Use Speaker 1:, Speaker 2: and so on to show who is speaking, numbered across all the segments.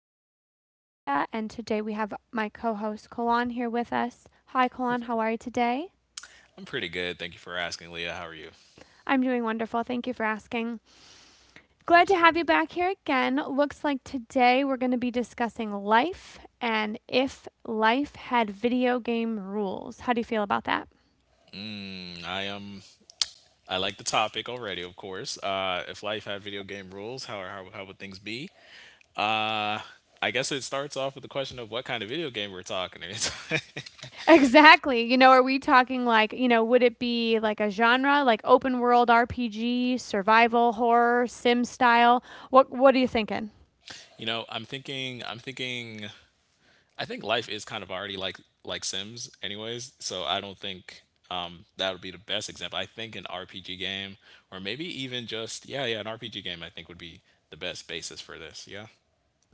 Speaker 1: am your host, Leah, and today we have my co-host Kalan here with us. Hi, Kalan. How are you today?
Speaker 2: I'm pretty good. Thank you for asking, Leah. How are you? Of
Speaker 1: I'm doing wonderful. Thank you for asking. Glad
Speaker 2: course,
Speaker 1: to
Speaker 2: of course.
Speaker 1: have you back here again. Looks like today we're going to be discussing life and if life had video game rules. How do you feel about that?
Speaker 2: Mm, I am. I like the topic already, of course. If life had video game rules, how would things be? Uh, I guess it starts off with the question of what kind of video game we're talking.
Speaker 1: Exactly. You know, are we talking like, you know, would it be like a genre, like open world RPG, survival horror, sim style? What are you thinking?
Speaker 2: I'm thinking. I think life is kind of already like Sims, anyways. So I don't think that would be the best example. I think an RPG game, or maybe even just yeah, yeah, an RPG game. I think would be the best basis for this. Yeah.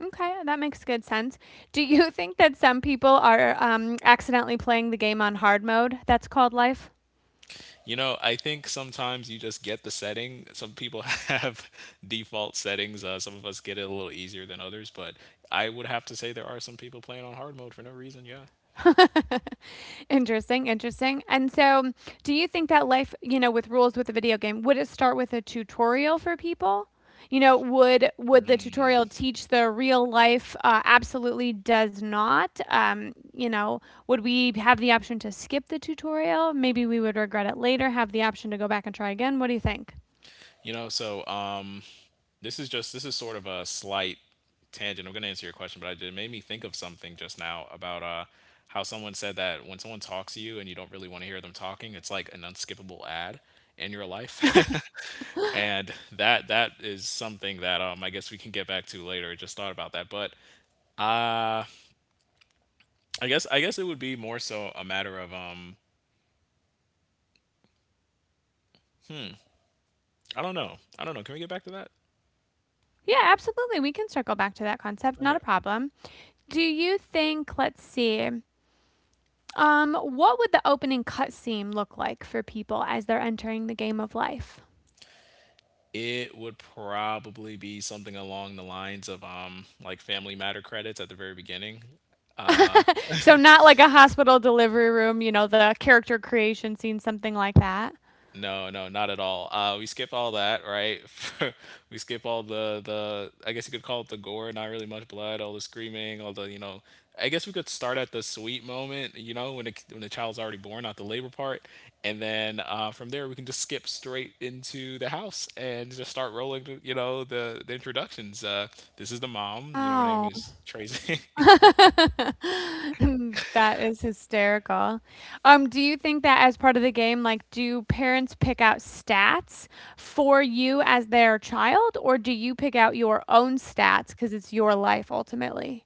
Speaker 1: Okay, that makes good sense. Do you think that some people are accidentally playing the game on hard mode that's called life?
Speaker 2: You know, I think sometimes you just get the setting. Some people have default settings. Some of us get it a little easier than others, but I would have to say there are some people playing on hard mode for no reason. Yeah.
Speaker 1: Interesting, interesting. And so, do you think that life, you know, with rules with a video game, would it start with a tutorial for people? You know, would the tutorial teach the real life? Absolutely does not. You know, would we have the option to skip the tutorial? Maybe we would regret it later. Have the option to go back and try again. What do you think?
Speaker 2: So, this is sort of a slight tangent. I'm gonna answer your question, but it made me think of something just now about how someone said that when someone talks to you and you don't really want to hear them talking, it's like an unskippable ad in your life, and that is something that I guess we can get back to later. I just thought about that, but uh, I guess it would be more so a matter of I don't know. Can we get back to that?
Speaker 1: Yeah, absolutely. We can circle back to that concept. Not
Speaker 2: Okay.
Speaker 1: a problem. Do you think, let's see, what would the opening cutscene look like for people as they're entering the game of life?
Speaker 2: It would probably be something along the lines of like Family Matter credits at the very beginning. Uh,
Speaker 1: So, not like a hospital delivery room, you know, the character creation scene, something like that.
Speaker 2: No, no, not at all. We skip all that, right? We skip all the. I guess you could call it the gore. Not really much blood. All the screaming. All the, you know. I guess we could start at the sweet moment. You know, when the child's already born, not the labor part, and then from there we can just skip straight into the house and just start rolling. You know, the introductions. This is the mom. You know, her name
Speaker 1: Oh,
Speaker 2: is Tracy.
Speaker 1: that is hysterical. Do you think that as part of the game, like, do parents pick out stats for you as their child, or do you pick out your own stats because it's your life ultimately?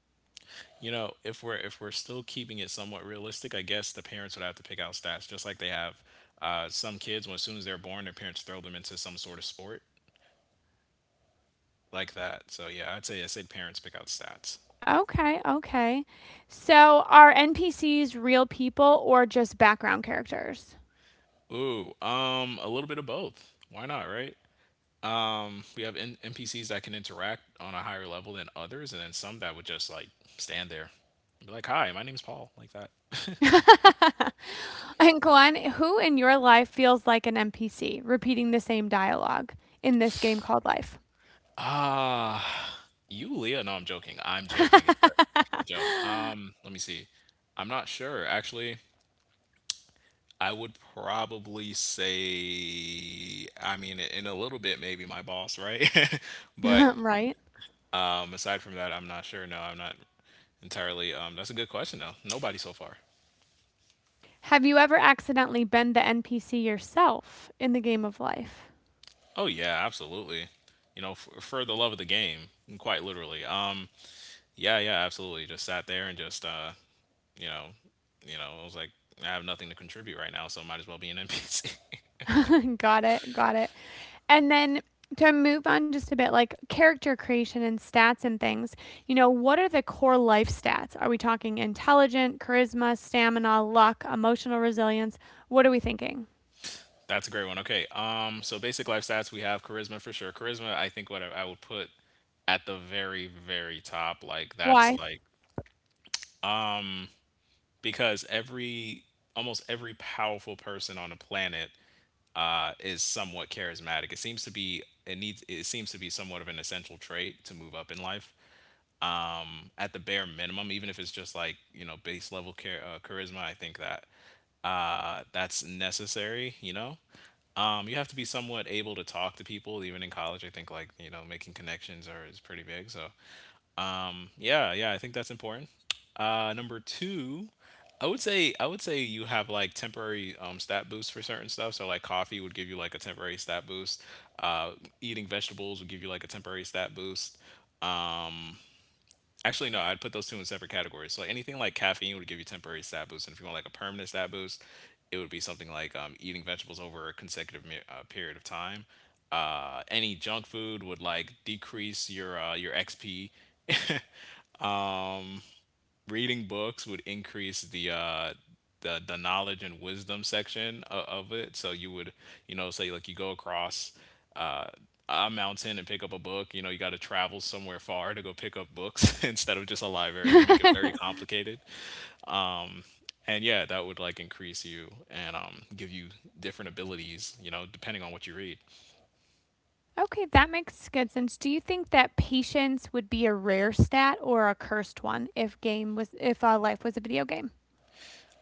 Speaker 2: You know, if we're still keeping it somewhat realistic, I guess the parents would have to pick out stats, just like they have some kids. When as soon as they're born, their parents throw them into some sort of sport like that. So yeah, I say parents pick out stats.
Speaker 1: Okay, okay. So are NPCs real people or just background characters?
Speaker 2: Ooh, a little bit of both. Why not, right? We have NPCs that can interact on a higher level than others, and then some that would just like stand there, and be like, "Hi, my name's Paul," like that.
Speaker 1: And Glenn, who in your life feels like an NPC repeating the same dialogue in this game called life?
Speaker 2: Ah, you, Leah? No, I'm joking. I'm joking. It's a joke. Let me see. I'm not sure. Actually, I would probably say, I mean, in a little bit, maybe my boss, right? But
Speaker 1: Right?
Speaker 2: aside from that, I'm not sure. No, I'm not entirely. That's a good question though. Nobody so far.
Speaker 1: Have you ever accidentally been the NPC yourself in the game of life?
Speaker 2: Oh yeah, absolutely. You know, for the love of the game, quite literally. Yeah, yeah, absolutely. Just sat there and just you know, you know, I was like, I have nothing to contribute right now, so might as well be an NPC.
Speaker 1: Got it, got it. And then to move on just a bit, like character creation and stats and things, you know, what are the core life stats? Are we talking intelligent, charisma, stamina, luck, emotional resilience? What are we thinking?
Speaker 2: That's a great one. Okay. So basic life stats, we have charisma for sure. Charisma, I think I would put at the very, very top, like that's
Speaker 1: Why?
Speaker 2: like because every almost every powerful person on the planet is somewhat charismatic. It seems to be it needs it seems to be somewhat of an essential trait to move up in life. At the bare minimum, even if it's just, like you know, base level charisma, I think that that's necessary, you know? You have to be somewhat able to talk to people, even in college. I think, like, you know, is pretty big. So, yeah, yeah, I think that's important. Number two, I would say you have like temporary stat boosts for certain stuff. So like coffee would give you like a temporary stat boost. Uh, Eating vegetables would give you like a temporary stat boost. Um, Actually, no, I'd put those two in separate categories. So like anything like caffeine would give you temporary stat boost, and if you want like a permanent stat boost, it would be something like eating vegetables over a consecutive period of time. Any junk food would like decrease your XP. Reading books would increase the the knowledge and wisdom section of it. So you would, you know, say like you go across uh, a mountain and pick up a book. You know, you got to travel somewhere far to go pick up books instead of just a library. Make it very complicated, um, and yeah, that would like increase you and give you different abilities, you know, depending on what you read.
Speaker 1: Okay, that makes good sense. Do you think that patience would be a rare stat or a cursed one if game was if life was a video game?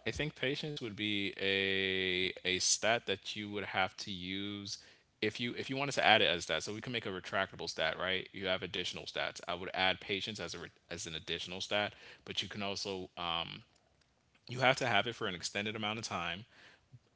Speaker 2: I think patience would be a stat that you would have to use if you wanted to add it as that, so we can make a retractable stat, right? You have additional stats. I would add patience as as an additional stat, but you can also, you have to have it for an extended amount of time,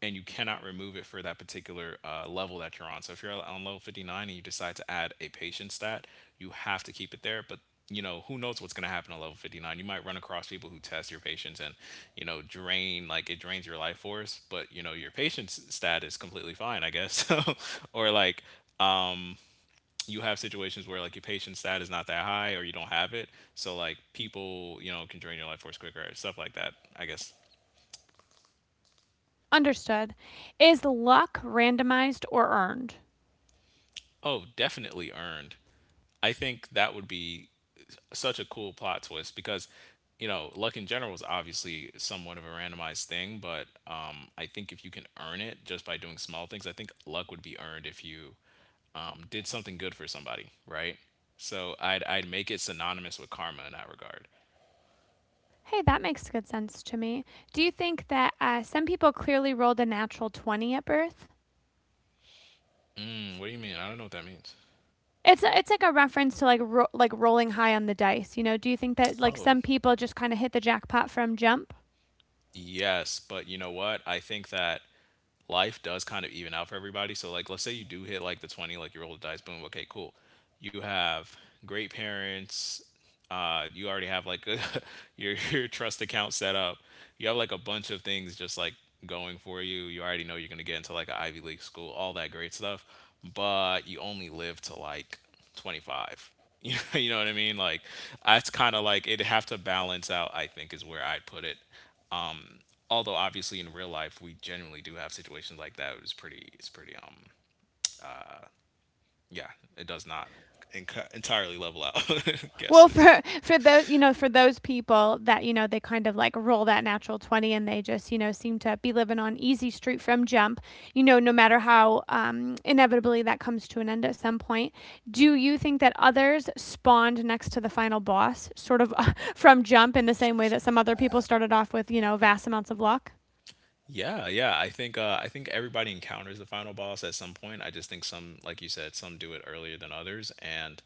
Speaker 2: and you cannot remove it for that particular level that you're on. So if you're on level 59 and you decide to add a patient stat, you have to keep it there. But you know, who knows what's going to happen on level 59. You might run across people who test your patience and you know, drain, like it drains your life force, but you know, your patience stat is completely fine, I guess. Or like you have situations where like your patience stat is not that high or you don't have it, so like people, you know, can drain your life force quicker, stuff like that, I guess.
Speaker 1: Understood. Is luck randomized or earned?
Speaker 2: Oh, definitely earned. I think that would be such a cool plot twist because, you know, luck in general is obviously somewhat of a randomized thing, but I think if you can earn it just by doing small things, I think luck would be earned if you did something good for somebody, right? So I'd make it synonymous with karma in that regard.
Speaker 1: Hey, that makes good sense to me. Do you think that some people clearly rolled a natural 20 at birth?
Speaker 2: Mm, what do you mean? I don't know what that means.
Speaker 1: It's like a reference to like like rolling high on the dice. You know, do you think that like
Speaker 2: Oh,
Speaker 1: some people just kind of hit the jackpot from jump?
Speaker 2: yes, but you know what? I think that life does kind of even out for everybody. So like let's say you do hit like the 20, like you roll the dice, boom, okay, cool. You have great parents, you already have like your trust account set up. You have like a bunch of things just like going for you. You already know you're gonna get into like an Ivy League school, all that great stuff. But you only live to like 25. You know what I mean? Like, that's kind of like it'd have to balance out, I think, is where I'd put it. Um, although obviously in real life we genuinely do have situations like that. It's pretty. It's pretty. Yeah. It does not entirely level out.
Speaker 1: Well,
Speaker 2: Guesses.
Speaker 1: for those you know, for those people that you know, they kind of like roll that natural 20, and they just you know seem to be living on easy street from jump. You know, no matter how inevitably that comes to an end at some point. Do you think that others spawned next to the final boss, sort of from jump, in the same way that some other people started off with you know vast amounts of luck?
Speaker 2: Yeah. Yeah. I think. I think everybody encounters the final boss at some point. I just think some, like you said, some do it earlier than others, and.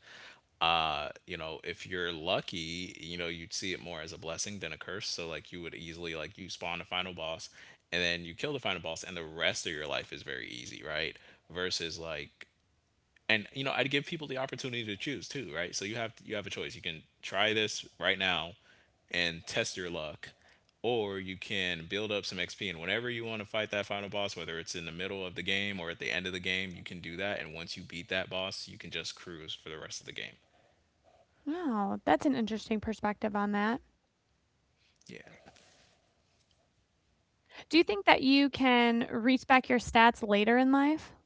Speaker 2: You know, if you're lucky, you know, you'd see it more as a blessing than a curse. So like you would easily, like, you spawn a final boss and then you kill the final boss and the rest of your life is very easy, right? Versus like, and you know, I'd give people the opportunity to choose too, right? So you have a choice. You can try this right now and test your luck, or you can build up some xp, and whenever you want to fight that final boss, whether it's in the middle of the game or at the end of the game, you can do that. And once you beat that boss, you can just cruise for the rest of the game.
Speaker 1: Oh, that's an interesting perspective on that.
Speaker 2: Yeah.
Speaker 1: Do you think that you can reach back your stats later in life?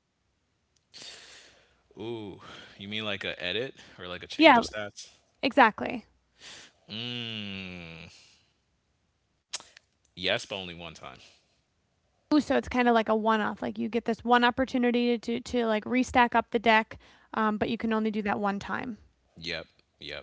Speaker 2: Ooh. You mean like a edit or like a change
Speaker 1: Yeah,
Speaker 2: of stats?
Speaker 1: exactly.
Speaker 2: Yes, but only one time.
Speaker 1: So it's kind of like a one-off. Like you get this one opportunity to like restack up the deck, but you can only do that one time.
Speaker 2: Yep. Yep.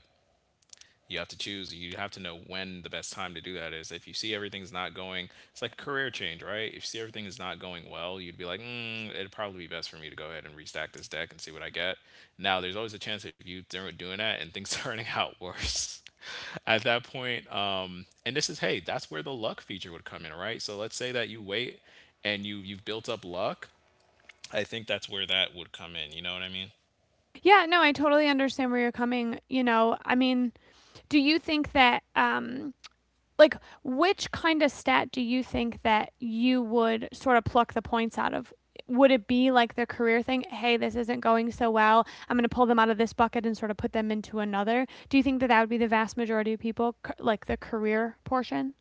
Speaker 2: You have to choose. You have to know when the best time to do that is. If you see everything's not going, it's like a career change, right? If you see everything is not going well, you'd be like, it'd probably be best for me to go ahead and restack this deck and see what I get. Now there's always a chance of you doing that and things turning out worse at that point. And this is, hey, that's where the luck feature would come in, right? So let's say that you wait and you've built up luck. I think that's where that would come in, you know what I mean.
Speaker 1: Yeah, no, I totally understand where you're coming. You know, I mean, do you think that like which kind of stat do you think that you would sort of pluck the points out of? Would it be like the career thing? Hey, this isn't going so well. I'm going to pull them out of this bucket and sort of put them into another. Do you think that that would be the vast majority of people, like the career portion?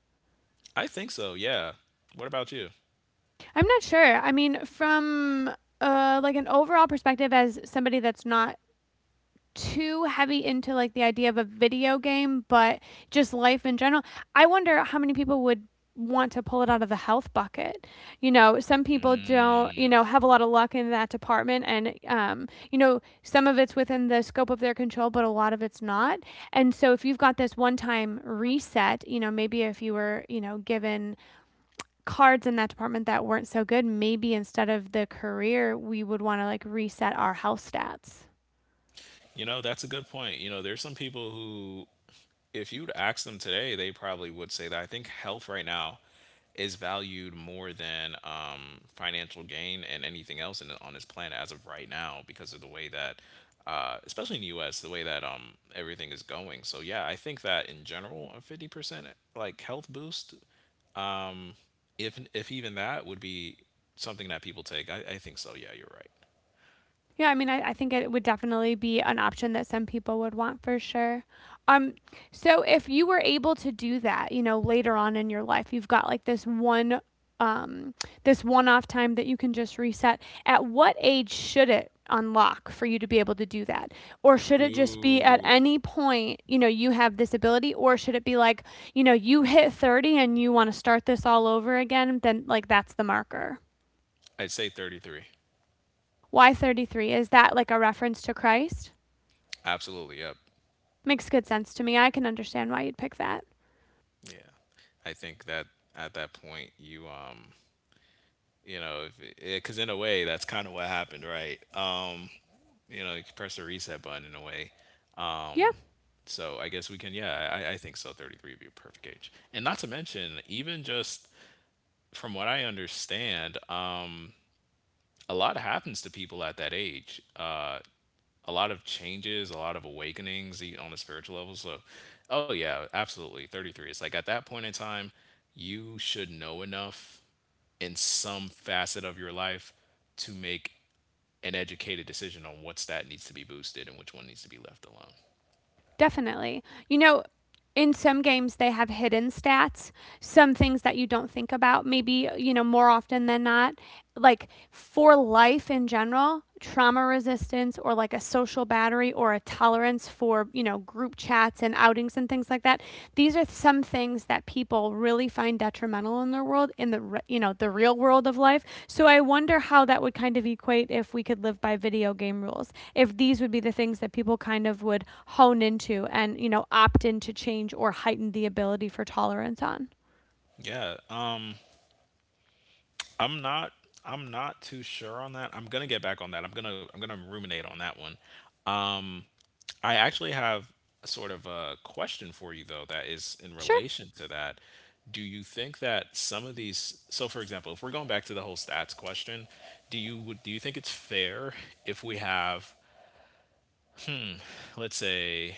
Speaker 2: I think so, yeah. What about you?
Speaker 1: I'm not sure. I mean, from like an overall perspective, as somebody that's not too heavy into like the idea of a video game, but just life in general, I wonder how many people would want to pull it out of the health bucket. You know, some people don't, you
Speaker 2: Mm.
Speaker 1: know, have a lot of luck in that department and you know, some of it's within the scope of their control, but a lot of it's not. And so if you've got this one-time reset, you know, maybe if you were, you know, given cards in that department that weren't so good, maybe instead of the career, we would want to like reset our house stats.
Speaker 2: You know, that's a good point. You know, there's some people who, if you'd ask them today, they probably would say that I think health right now is valued more than financial gain and anything else on this planet as of right now, because of the way that, especially in the U.S., the way that everything is going. So yeah, I think that in general, a 50% like health boost, um, if even that would be something that people take. I think so. Yeah, you're right.
Speaker 1: Yeah, I mean, I think it would definitely be an option that some people would want for sure. Um, so if you were able to do that, you know, later on in your life, you've got like this one, um, this one-off time that you can just reset. At what age should it unlock for you to be able to do that, or should it just be at
Speaker 2: Ooh.
Speaker 1: any point, you know, you have this ability, or should it be like, you know, you hit 30 and you want to start this all over again? Then like that's the marker.
Speaker 2: I'd say 33.
Speaker 1: Why 33? Is that like a reference to Christ?
Speaker 2: Absolutely. Yep.
Speaker 1: Makes good sense to me. I can understand why you'd pick that.
Speaker 2: Yeah, I think that at that point you you know because in a way that's kind of what happened, right? You know, you could press the reset button in a way.
Speaker 1: Yeah.
Speaker 2: So I guess we can, yeah, I think so. 33 would be a perfect age, and not to mention, even just from what I understand, a lot happens to people at that age. A lot of changes, a lot of awakenings on a spiritual level. So, oh yeah, absolutely. 33. It's like at that point in time, you should know enough in some facet of your life to make an educated decision on what's that needs to be boosted and which one needs to be left alone.
Speaker 1: Definitely. You know, in some games they have hidden stats, some things that you don't think about, maybe, you know, more often than not. Like for life in general, trauma resistance or like a social battery or a tolerance for, you know, group chats and outings and things like that. These are some things that people really find detrimental in their world in the you know the real world of life, so I wonder how that would kind of equate if we could live by video game rules, if these would be the things that people kind of would hone into and you know opt in to change or heighten the ability for tolerance on.
Speaker 2: Yeah. I'm not I'm not too sure on that. I'm gonna get back on that. I'm gonna ruminate on that one. Um I actually have a sort of a question for you though, that is in
Speaker 1: Sure.
Speaker 2: relation to that. Do you think that some of these, so for example, if we're going back to the whole stats question, do you think it's fair if we have, let's say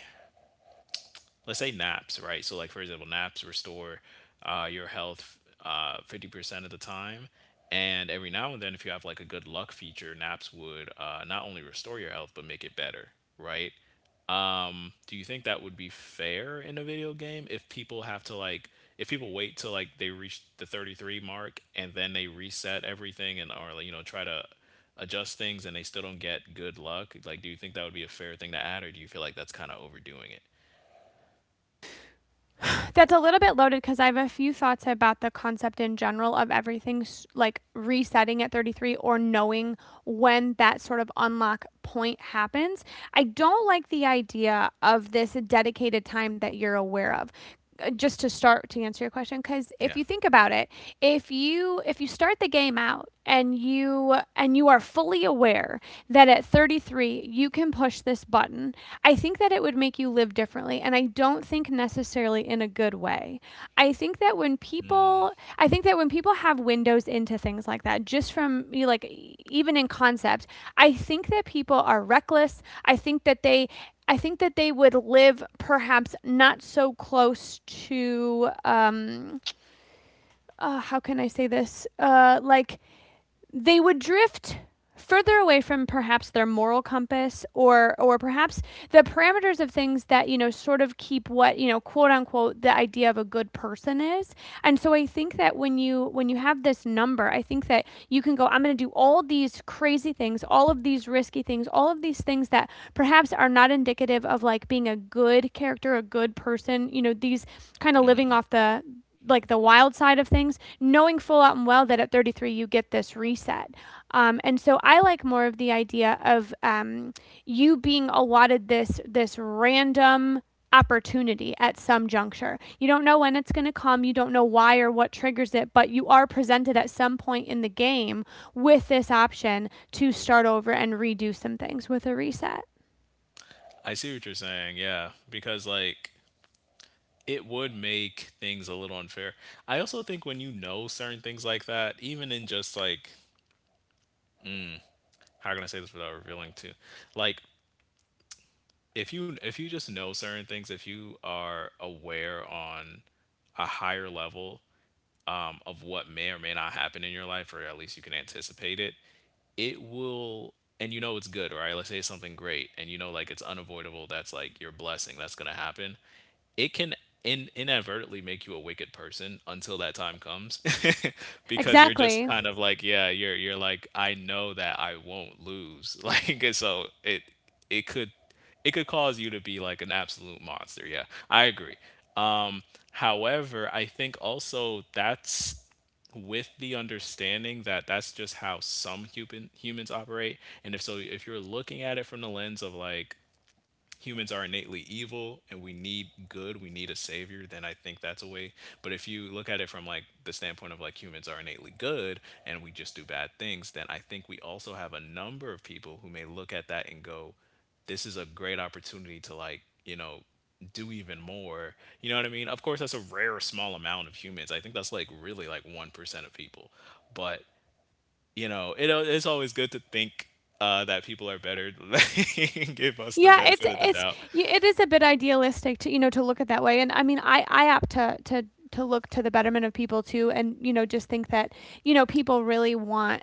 Speaker 2: let's say naps, right? So like for example, naps restore your health 50% of the time. And every now and then, if you have like a good luck feature, naps would not only restore your health, but make it better, right? Do you think that would be fair in a video game if people have to like, if people wait till like they reach the 33 mark and then they reset everything, and or, like, you know, try to adjust things and they still don't get good luck? Like, do you think that would be a fair thing to add, or do you feel like that's kind of overdoing it?
Speaker 1: That's a little bit loaded because I have a few thoughts about the concept in general of everything like resetting at 33, or knowing when that sort of unlock point happens. I don't like the idea of this dedicated time that you're aware of. Just to start to answer your question, because if
Speaker 2: Yeah.
Speaker 1: you think about it, if you start the game out and you are fully aware that at 33 you can push this button, I think that it would make you live differently. And I don't think necessarily in a good way. I think that I think that when people have windows into things like that, just from you know, like even in concept, I think that people are reckless. I think that they I think that they would live perhaps not so close to how can I say this? Like they would drift further away from perhaps their moral compass, or perhaps the parameters of things that you know sort of keep what you know quote unquote the idea of a good person is. And so I think that when you have this number, I think that you can go, I'm going to do all these crazy things, all of these risky things, all of these things that perhaps are not indicative of like being a good character, a good person, you know, these kind of living off the wild side of things, knowing full out and well that at 33 you get this reset. And so I like more of the idea of you being allotted this random opportunity at some juncture. You don't know when it's going to come, you don't know why or what triggers it, but you are presented at some point in the game with this option to start over and redo some things with a reset.
Speaker 2: I see what you're saying. Yeah, because like it would make things a little unfair. I also think when you know certain things like that, even in just like, how can I say this without revealing too, like, if you just know certain things, if you are aware on a higher level of what may or may not happen in your life, or at least you can anticipate it, it will. And you know it's good, right? Let's say it's something great and you know, like, it's unavoidable. That's like your blessing that's going to happen. It can inadvertently make you a wicked person until that time comes because you're just
Speaker 1: Exactly.
Speaker 2: kind of like, yeah, you're like, I know that I won't lose. Like, so it could, it could cause you to be like an absolute monster, yeah. I agree. um However, I think also that's with the understanding that that's just how some humans operate. And if, so if you're looking at it from the lens of like humans are innately evil and we need good, we need a savior, then I think that's a way. But if you look at it from like the standpoint of like humans are innately good and we just do bad things, then I think we also have a number of people who may look at that and go, this is a great opportunity to like, you know, do even more. You know what I mean? Of course, that's a rare small amount of humans. I think that's like really like 1% of people. But, you know, it's always good to think that people are better. Give us the
Speaker 1: Yeah, it's
Speaker 2: benefit of the
Speaker 1: it's
Speaker 2: doubt.
Speaker 1: it is a bit idealistic to to look at that way. And I mean I apt to look to the betterment of people too, and just think that you know people really want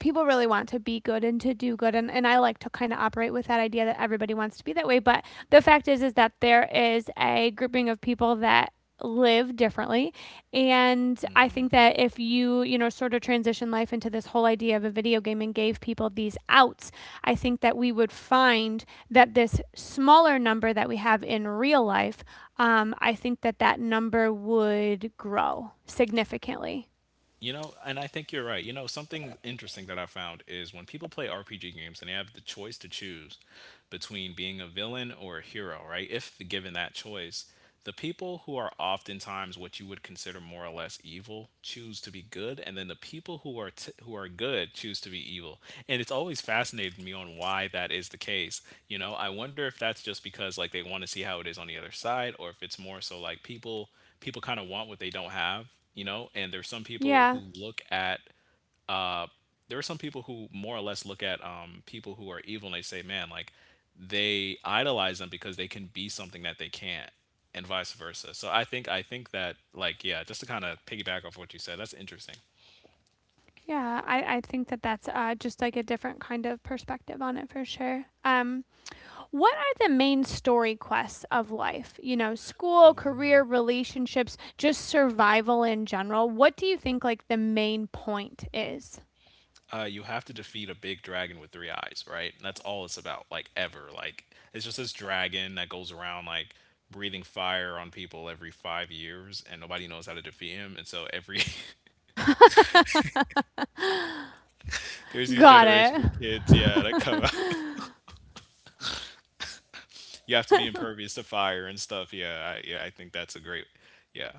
Speaker 1: people really want to be good and to do good, and I like to kind of operate with that idea that everybody wants to be that way. But the fact is that there is a grouping of people that live differently. And I think that if you you know sort of transition life into this whole idea of a video game and gave people these outs, I think that we would find that this smaller number that we have in real life, I think that that number would grow significantly.
Speaker 2: You know, and I think you're right. You know, something interesting that I found is when people play RPG games and they have the choice to choose between being a villain or a hero, right? If given that choice, the people who are oftentimes what you would consider more or less evil choose to be good, and then the people who are who are good choose to be evil. And it's always fascinated me on why that is the case. You know, I wonder if that's just because like they want to see how it is on the other side, or if it's more so like people kind of want what they don't have, you know. And there's some people
Speaker 1: Yeah.
Speaker 2: who look at uh, there are some people who more or less look at people who are evil and they say, man, like they idolize them because they can be something that they can't, and vice versa. So I think that, like, yeah, just to kind of piggyback off what you said, that's interesting.
Speaker 1: Yeah, I think that that's just like a different kind of perspective on it for sure. What are the main story quests of life? You know, school, career, relationships, just survival in general. What do you think like the main point is?
Speaker 2: You have to defeat a big dragon with three eyes, right? And that's all it's about, like ever. Like it's just this dragon that goes around like breathing fire on people every 5 years, and nobody knows how to defeat him. And so every there's these
Speaker 1: Got
Speaker 2: generation
Speaker 1: it.
Speaker 2: of kids, yeah, that come out. You have to be impervious to fire and stuff. Yeah, yeah, I think that's a great, yeah.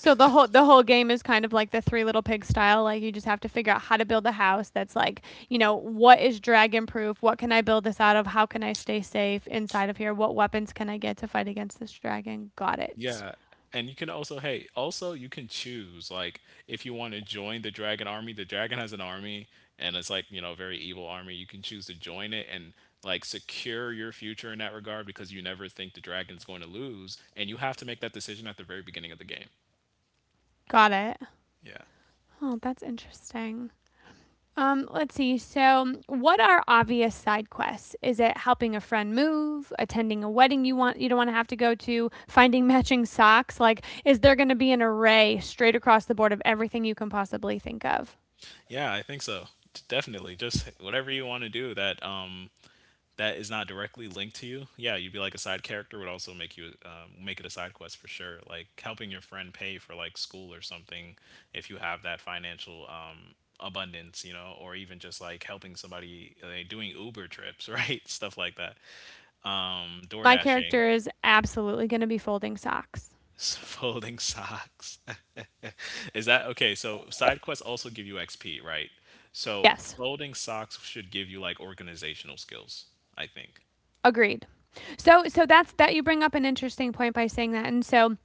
Speaker 1: So the whole game is kind of like the Three Little Pigs style. Like you just have to figure out how to build a house that's like, you know, what is dragon proof. What can I build this out of? How can I stay safe inside of here? What weapons can I get to fight against this dragon? Got it.
Speaker 2: Yeah. And you can also, hey, also, you can choose like, if you want to join the dragon army, the dragon has an army, and it's like, you know, a very evil army. You can choose to join it and like secure your future in that regard, because you never think the dragon's going to lose, and you have to make that decision at the very beginning of the game.
Speaker 1: Got it.
Speaker 2: Yeah.
Speaker 1: Oh, that's interesting. Let's see. So, what are obvious side quests? Is it helping a friend move, attending a wedding you don't want to have to go to, finding matching socks? Like, is there going to be an array straight across the board of everything you can possibly think of?
Speaker 2: Yeah, I think so. Definitely. Just whatever you want to do that that is not directly linked to you, yeah, you'd be like a side character, would also make you make it a side quest for sure. Like helping your friend pay for like school or something, if you have that financial abundance, you know, or even just like helping somebody like, doing Uber trips, right? Stuff like that. Door
Speaker 1: My
Speaker 2: dashing,
Speaker 1: character is absolutely going to be folding socks.
Speaker 2: folding socks. Is that okay? So side quests also give you XP, right? So
Speaker 1: Yes,
Speaker 2: folding socks should give you like organizational skills, I think.
Speaker 1: agreed. So that's that, you bring up an interesting point by saying that. And so,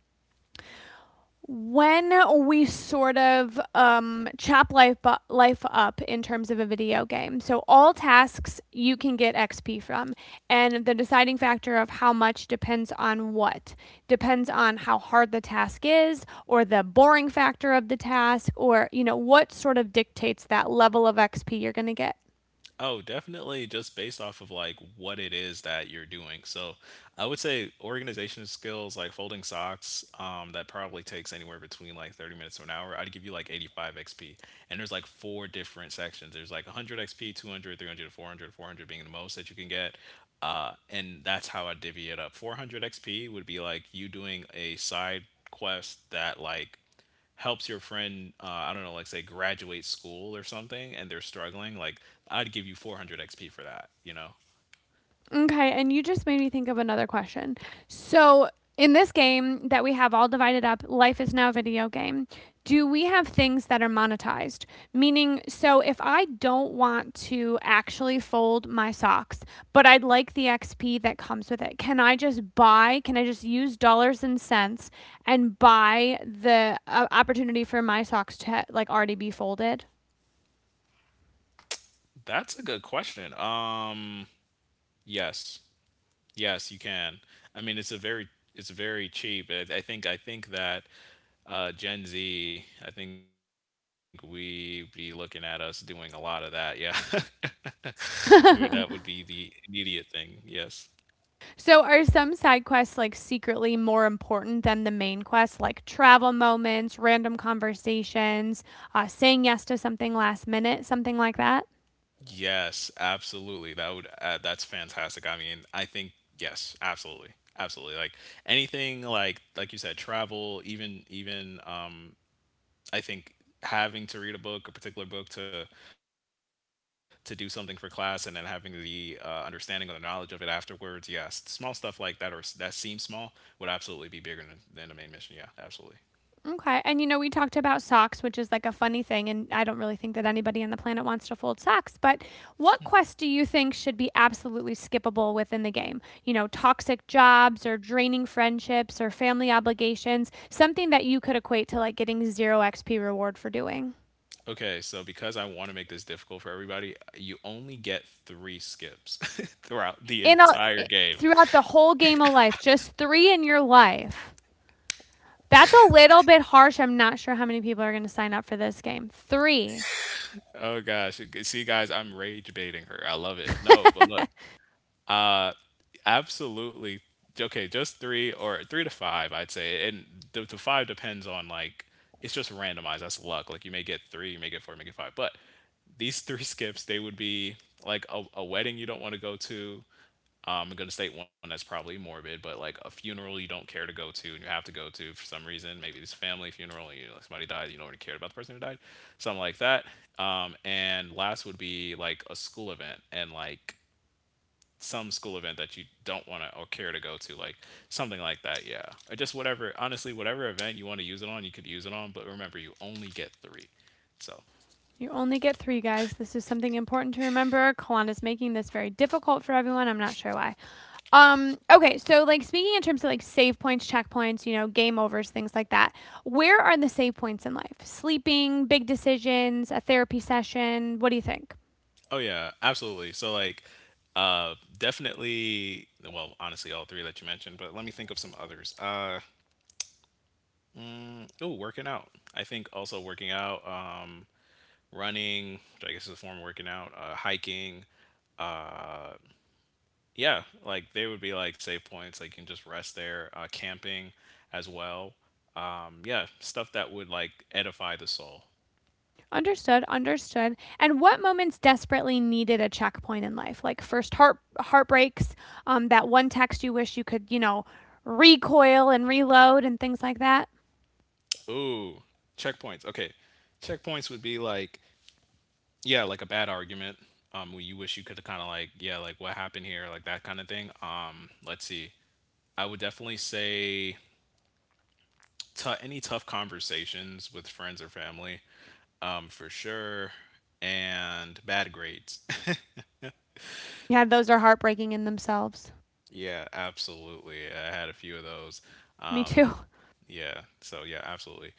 Speaker 1: when we sort of chop life up in terms of a video game. So all tasks you can get XP from, and the deciding factor of how much depends on how hard the task is, or the boring factor of the task, or you know what sort of dictates that level of XP you're going to get.
Speaker 2: Oh, definitely, just based off of like what it is that you're doing. So I would say organization skills like folding socks, that probably takes anywhere between like 30 minutes to an hour. I'd give you like 85 XP. And there's like four different sections. There's like 100 XP, 200, 300, 400, 400 being the most that you can get. And that's how I divvy it up. 400 XP would be like you doing a side quest that like helps your friend I don't know, like say graduate school or something, and they're struggling. Like, I'd give you 400 xp for that, you know.
Speaker 1: Okay, and you just made me think of another question. So, in this game that we have all divided up, life is now a video game. Do we have things that are monetized? Meaning, so if I don't want to actually fold my socks, but I'd like the XP that comes with it, can I just use dollars and cents and buy the opportunity for my socks to like already be folded?
Speaker 2: That's a good question. Yes. Yes, you can. I mean, it's a very, it's very cheap. I think, that gen z, I think we be looking at us doing a lot of that, yeah. Ooh, that would be the immediate thing. Yes.
Speaker 1: So, are some side quests like secretly more important than the main quest, like travel moments, random conversations, saying yes to something last minute, something like that?
Speaker 2: Yes, absolutely. That would that's fantastic. I mean, I think yes, absolutely. Absolutely. Like anything, like you said, travel, even I think having to read a book, a particular book, to do something for class and then having the understanding or the knowledge of it afterwards. Yes, small stuff like that, or that seems small would absolutely be bigger than the main mission. Yeah, absolutely.
Speaker 1: Okay. And you know, we talked about socks, which is like a funny thing. And I don't really think that anybody on the planet wants to fold socks. But what quests do you think should be absolutely skippable within the game? You know, toxic jobs or draining friendships or family obligations, something that you could equate to like getting zero XP reward for doing.
Speaker 2: Okay, so because I want to make this difficult for everybody, you only get three skips throughout the entire game.
Speaker 1: Throughout the whole game of life, just three in your life. That's a little bit harsh. I'm not sure how many people are going to sign up for this game. Three.
Speaker 2: Oh gosh. See guys, I'm rage baiting her. I love it. No, but look, uh absolutely, okay, just three or three to five, I'd say. And the five depends on like, it's just randomized. That's luck. Like you may get three, you may get four, you may get five. But these three skips, they would be like a wedding you don't want to go to, I'm gonna state one that's probably morbid, but like a funeral you don't care to go to and you have to go to for some reason. Maybe it's a family funeral and you know, somebody died, you don't really care about the person who died, something like that. And last would be like a school event and like some school event that you don't want to or care to go to, like something like that. Yeah, or just whatever. Honestly, whatever event you want to use it on, you could use it on. But remember, you only get three. So
Speaker 1: You only get three guys. This is something important to remember. Kalanda's making this very difficult for everyone. I'm not sure why. Um, okay, so like speaking in terms of like save points, checkpoints, you know, game overs, things like that. Where are the save points in life? Sleeping, big decisions, a therapy session, what do you think?
Speaker 2: oh yeah, absolutely. So like, definitely. Well, honestly, all three that you mentioned, but let me think of some others. Oh, working out. I think also working out, running, which I guess is a form of working out, hiking. Uh, yeah, like they would be like safe points. Like you can just rest there. Camping, as well. Yeah, stuff that would like edify the soul.
Speaker 1: Understood, understood. And what moments desperately needed a checkpoint in life? Like first heartbreaks, that one text you wish you could, you know, recoil and reload and things like that.
Speaker 2: Ooh, checkpoints. Okay, checkpoints would be like yeah, like a bad argument. Where you wish you could have kind of like, yeah, like what happened here, like that kind of thing. Let's see. I would definitely say any tough conversations with friends or family, for sure, and bad grades.
Speaker 1: Yeah, those are heartbreaking in themselves.
Speaker 2: Yeah, absolutely. I had a few of those.
Speaker 1: Me too.
Speaker 2: Yeah, so yeah, absolutely.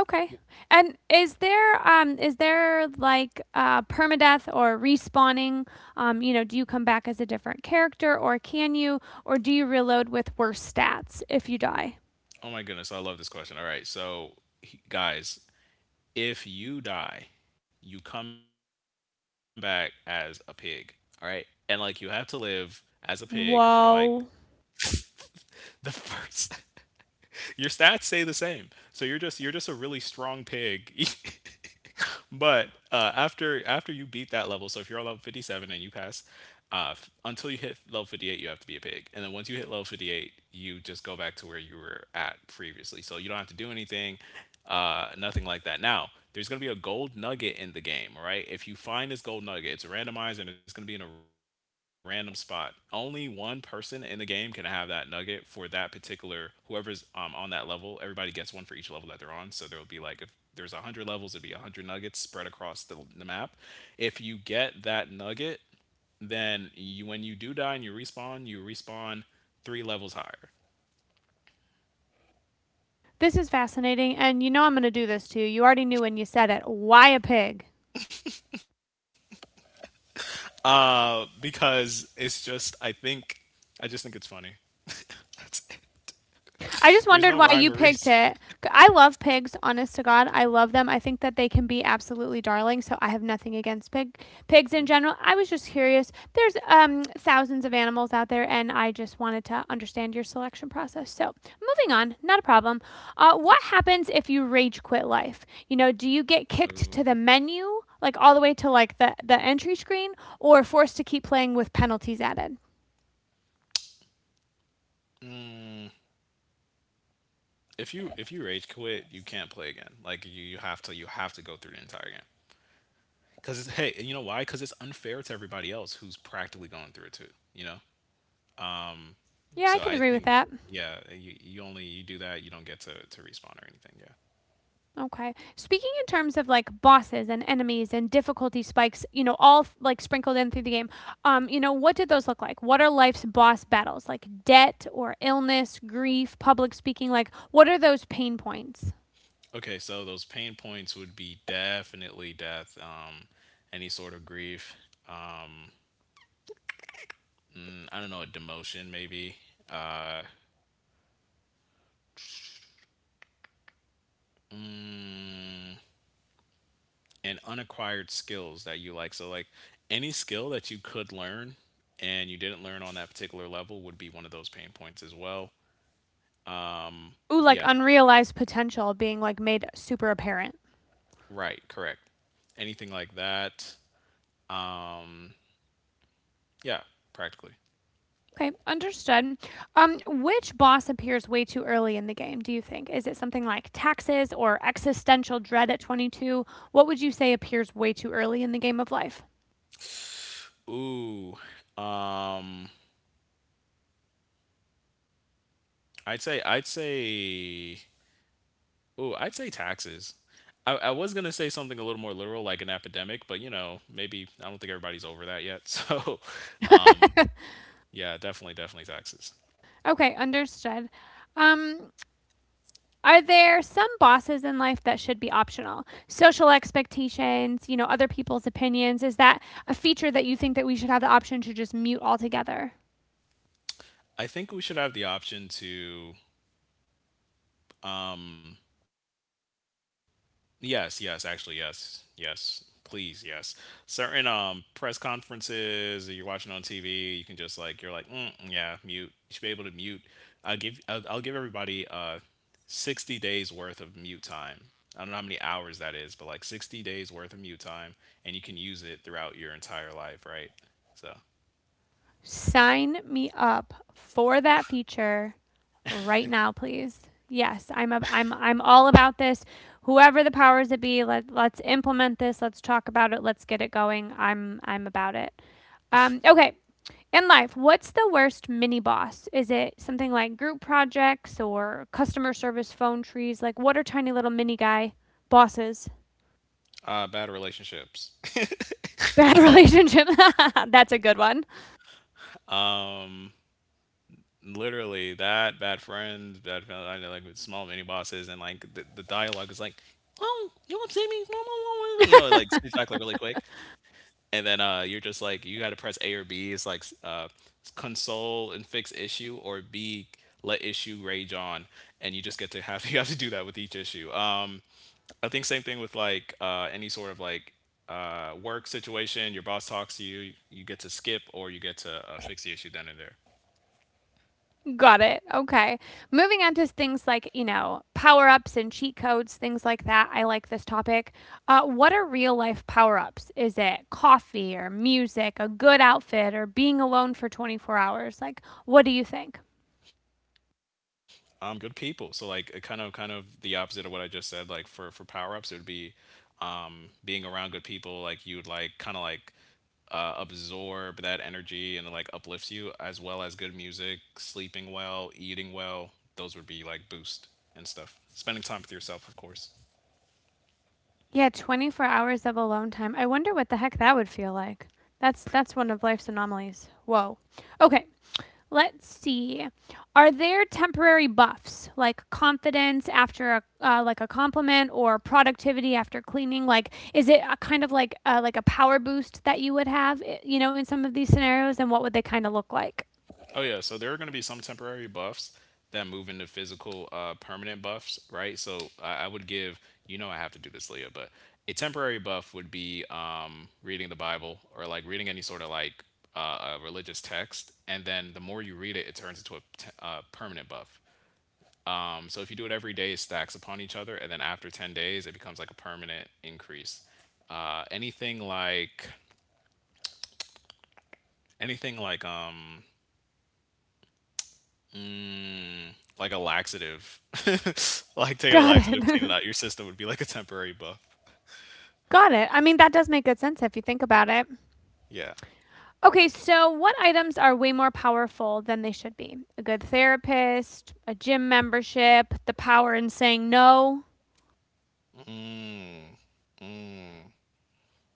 Speaker 1: Okay. And is there like permadeath or respawning? You know, do you come back as a different character, or do you reload with worse stats if you die?
Speaker 2: Oh my goodness, I love this question. All right, so guys, if you die, you come back as a pig. All right. And like you have to live as a pig for like
Speaker 1: Whoa.
Speaker 2: the first your stats say the same. So you're just a really strong pig. But after you beat that level, so if you're on level 57 and you pass, until you hit level 58, you have to be a pig. And then once you hit level 58, you just go back to where you were at previously. So you don't have to do anything, nothing like that. Now, there's going to be a gold nugget in the game, right? If you find this gold nugget, it's randomized and it's going to be in a random spot. Only one person in the game can have that nugget for that particular whoever's on that level. Everybody gets one for each level that they're on. So there will be like if there's 100 levels, it'd be 100 nuggets spread across the map. If you get that nugget, then you when you do die and you respawn, you respawn three levels higher.
Speaker 1: This is fascinating, and you know I'm going to do this to you. You already knew when you said it. Why a pig?
Speaker 2: Because it's just I think I just think it's funny. That's it.
Speaker 1: I
Speaker 2: There's no
Speaker 1: just
Speaker 2: rhyme
Speaker 1: wondered
Speaker 2: or
Speaker 1: why you
Speaker 2: reason.
Speaker 1: picked it. I love pigs, honest to God. I love them. I think that they can be absolutely darling, so I have nothing against pigs in general. I was just curious. There's thousands of animals out there and I just wanted to understand your selection process. So, moving on, not a problem. Uh, what
Speaker 2: Yes,
Speaker 1: happens if you rage quit life? You know, do you get kicked to
Speaker 2: um,
Speaker 1: the menu, like all the way to like the entry screen, or forced to keep playing with penalties added?
Speaker 2: if you rage quit, you can't play again. Like you have to you have to go through the entire game because it's hey, you know why? Because it's unfair to everybody else who's practically going through it too, you know.
Speaker 1: Yeah, I can
Speaker 2: So
Speaker 1: agree
Speaker 2: I
Speaker 1: with
Speaker 2: think,
Speaker 1: that.
Speaker 2: yeah, you only you do that, you don't get to respawn or anything. Yeah.
Speaker 1: Okay. Speaking in terms of like bosses and enemies and difficulty spikes, you know, all like sprinkled in through the game. You know, what did those look like? What are life's boss battles? Like debt or illness, grief, public speaking, like what are those pain points?
Speaker 2: Okay, so those pain points would be definitely death, any sort of grief. Um, I don't know, a demotion maybe. Uh, mm, and unacquired skills that you like. So like any skill that you could learn and you didn't learn on that particular level would be one of those pain points as well.
Speaker 1: Ooh, like
Speaker 2: Yeah.
Speaker 1: unrealized potential being like made super apparent.
Speaker 2: Right. Correct. Anything like that. Um, yeah. Practically.
Speaker 1: Okay, understood. Which boss appears way too early in the game, do you think? Is it something like taxes or existential dread at 22? What would you say appears way too early in the game of life?
Speaker 2: Ooh, um, I'd say I'd say taxes. I was gonna say something a little more literal, like an epidemic, but you know, maybe I don't think everybody's over that yet. So, uh, yeah, definitely, definitely taxes.
Speaker 1: Okay, understood. Um, are there some bosses in life that should be optional? Social expectations, you know, other people's opinions. Is that a feature that you think that we should have the option to just mute altogether?
Speaker 2: I think we should have the option to yes, yes, actually, yes, yes. Please, yes. Certain press conferences that you're watching on TV, you can just like you're like, mm, mm, yeah, mute. You should be able to mute. I'll give everybody 60 days worth of mute time. I don't know how many hours that is, but like 60 days worth of mute time, and you can use it throughout your entire life, right? So,
Speaker 1: Sign me up for that feature right now, please. Yes, I'm all about this. Whoever the powers that be, let's implement this. Let's talk about it. Let's get it going. I'm about it. Okay, in life, what's the worst mini boss? Is it something like group projects or customer service phone trees? Like, what are tiny little mini guy bosses?
Speaker 2: bad relationships.
Speaker 1: Bad relationship. That's a good one.
Speaker 2: Um, literally that, bad friends, I know, like with small mini bosses, and like the dialogue is like, oh, you upset me, wah, wah, wah, wah," you know, it, like speaks back like really quick, and then you're just like you got to press A or B. It's like console and fix issue or B, let issue rage on, and you just get to have you have to do that with each issue. I think same thing with like any sort of like work situation. Your boss talks to you, you get to skip or you get to fix the issue then and there.
Speaker 1: Got it. Okay. Moving on to things like, you know, power ups and cheat codes, things like that. I like this topic. What are real life power ups? Is it coffee or music, a good outfit, or being alone for 24 hours? Like, what do you think?
Speaker 2: Um, good people. So like kind of the opposite of what I just said. Like for power ups it would be being around good people. Like you would like kind of like absorb that energy, and it, like, uplifts you, as well as good music, sleeping well, eating well. Those would be like boost and stuff. Spending time with yourself, of course.
Speaker 1: Yeah, 24 hours of alone time. I wonder what the heck that would feel like. That's one of life's anomalies. Whoa. Okay, let's see. Are there temporary buffs like confidence after a like a compliment, or productivity after cleaning? Like, is it a kind of like a power boost that you would have, you know, in some of these scenarios? And what would they kind of look like?
Speaker 2: Oh yeah, so there are going to be some temporary buffs that move into physical permanent buffs, right? So I would give, you know, I have to do this, Leah, but a temporary buff would be reading the Bible or like reading any sort of like a religious text, and then the more you read it, it turns into a permanent buff. So if you do it every day, it stacks upon each other, and then after 10 days, it becomes like a permanent increase. Anything like anything like um mm, like a laxative. Like taking a
Speaker 1: Got
Speaker 2: laxative,
Speaker 1: it.
Speaker 2: cleaning out your system would be like a temporary buff.
Speaker 1: Got it. I mean, that does make good sense if you think about it.
Speaker 2: Yeah.
Speaker 1: Okay, so what items are way more powerful than they should be? A good therapist, a gym membership, the power in saying no.
Speaker 2: Mm,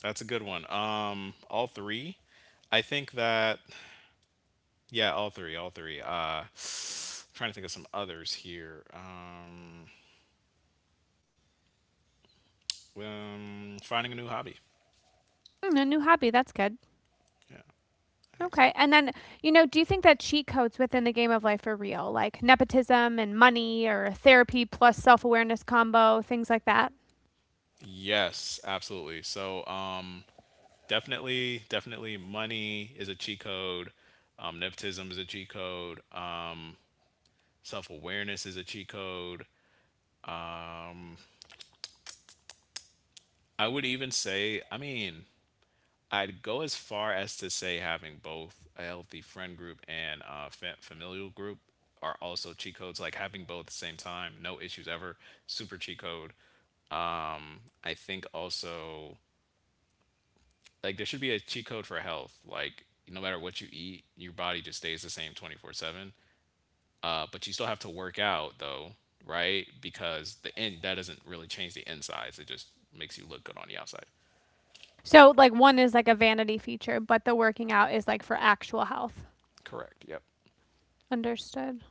Speaker 2: that's a good one. All three. I think that yeah, all three, all three. Trying to think of some others here. Finding a new hobby.
Speaker 1: Mm, a new hobby. That's good.
Speaker 2: Yeah, I think so.
Speaker 1: Okay. And then, you know, do you think that cheat codes within the game of life are real, like nepotism and money or a therapy plus self awareness combo, things like that?
Speaker 2: Yes, absolutely. So, definitely, definitely, money is a cheat code. Nepotism is a cheat code. Self awareness is a cheat code. I would even say, I mean, I'd go as far as to say having both a healthy friend group and a familial group are also cheat codes. Like having both at the same time, no issues ever, super cheat code. I think also, like, there should be a cheat code for health. Like, no matter what you eat, your body just stays the same 24/7. But you still have to work out, though, right? Because the in that doesn't really change the insides, it just makes you look good on the outside.
Speaker 1: So, like, one is like a vanity feature, but the working out is like for actual health.
Speaker 2: Correct. Yep.
Speaker 1: Understood.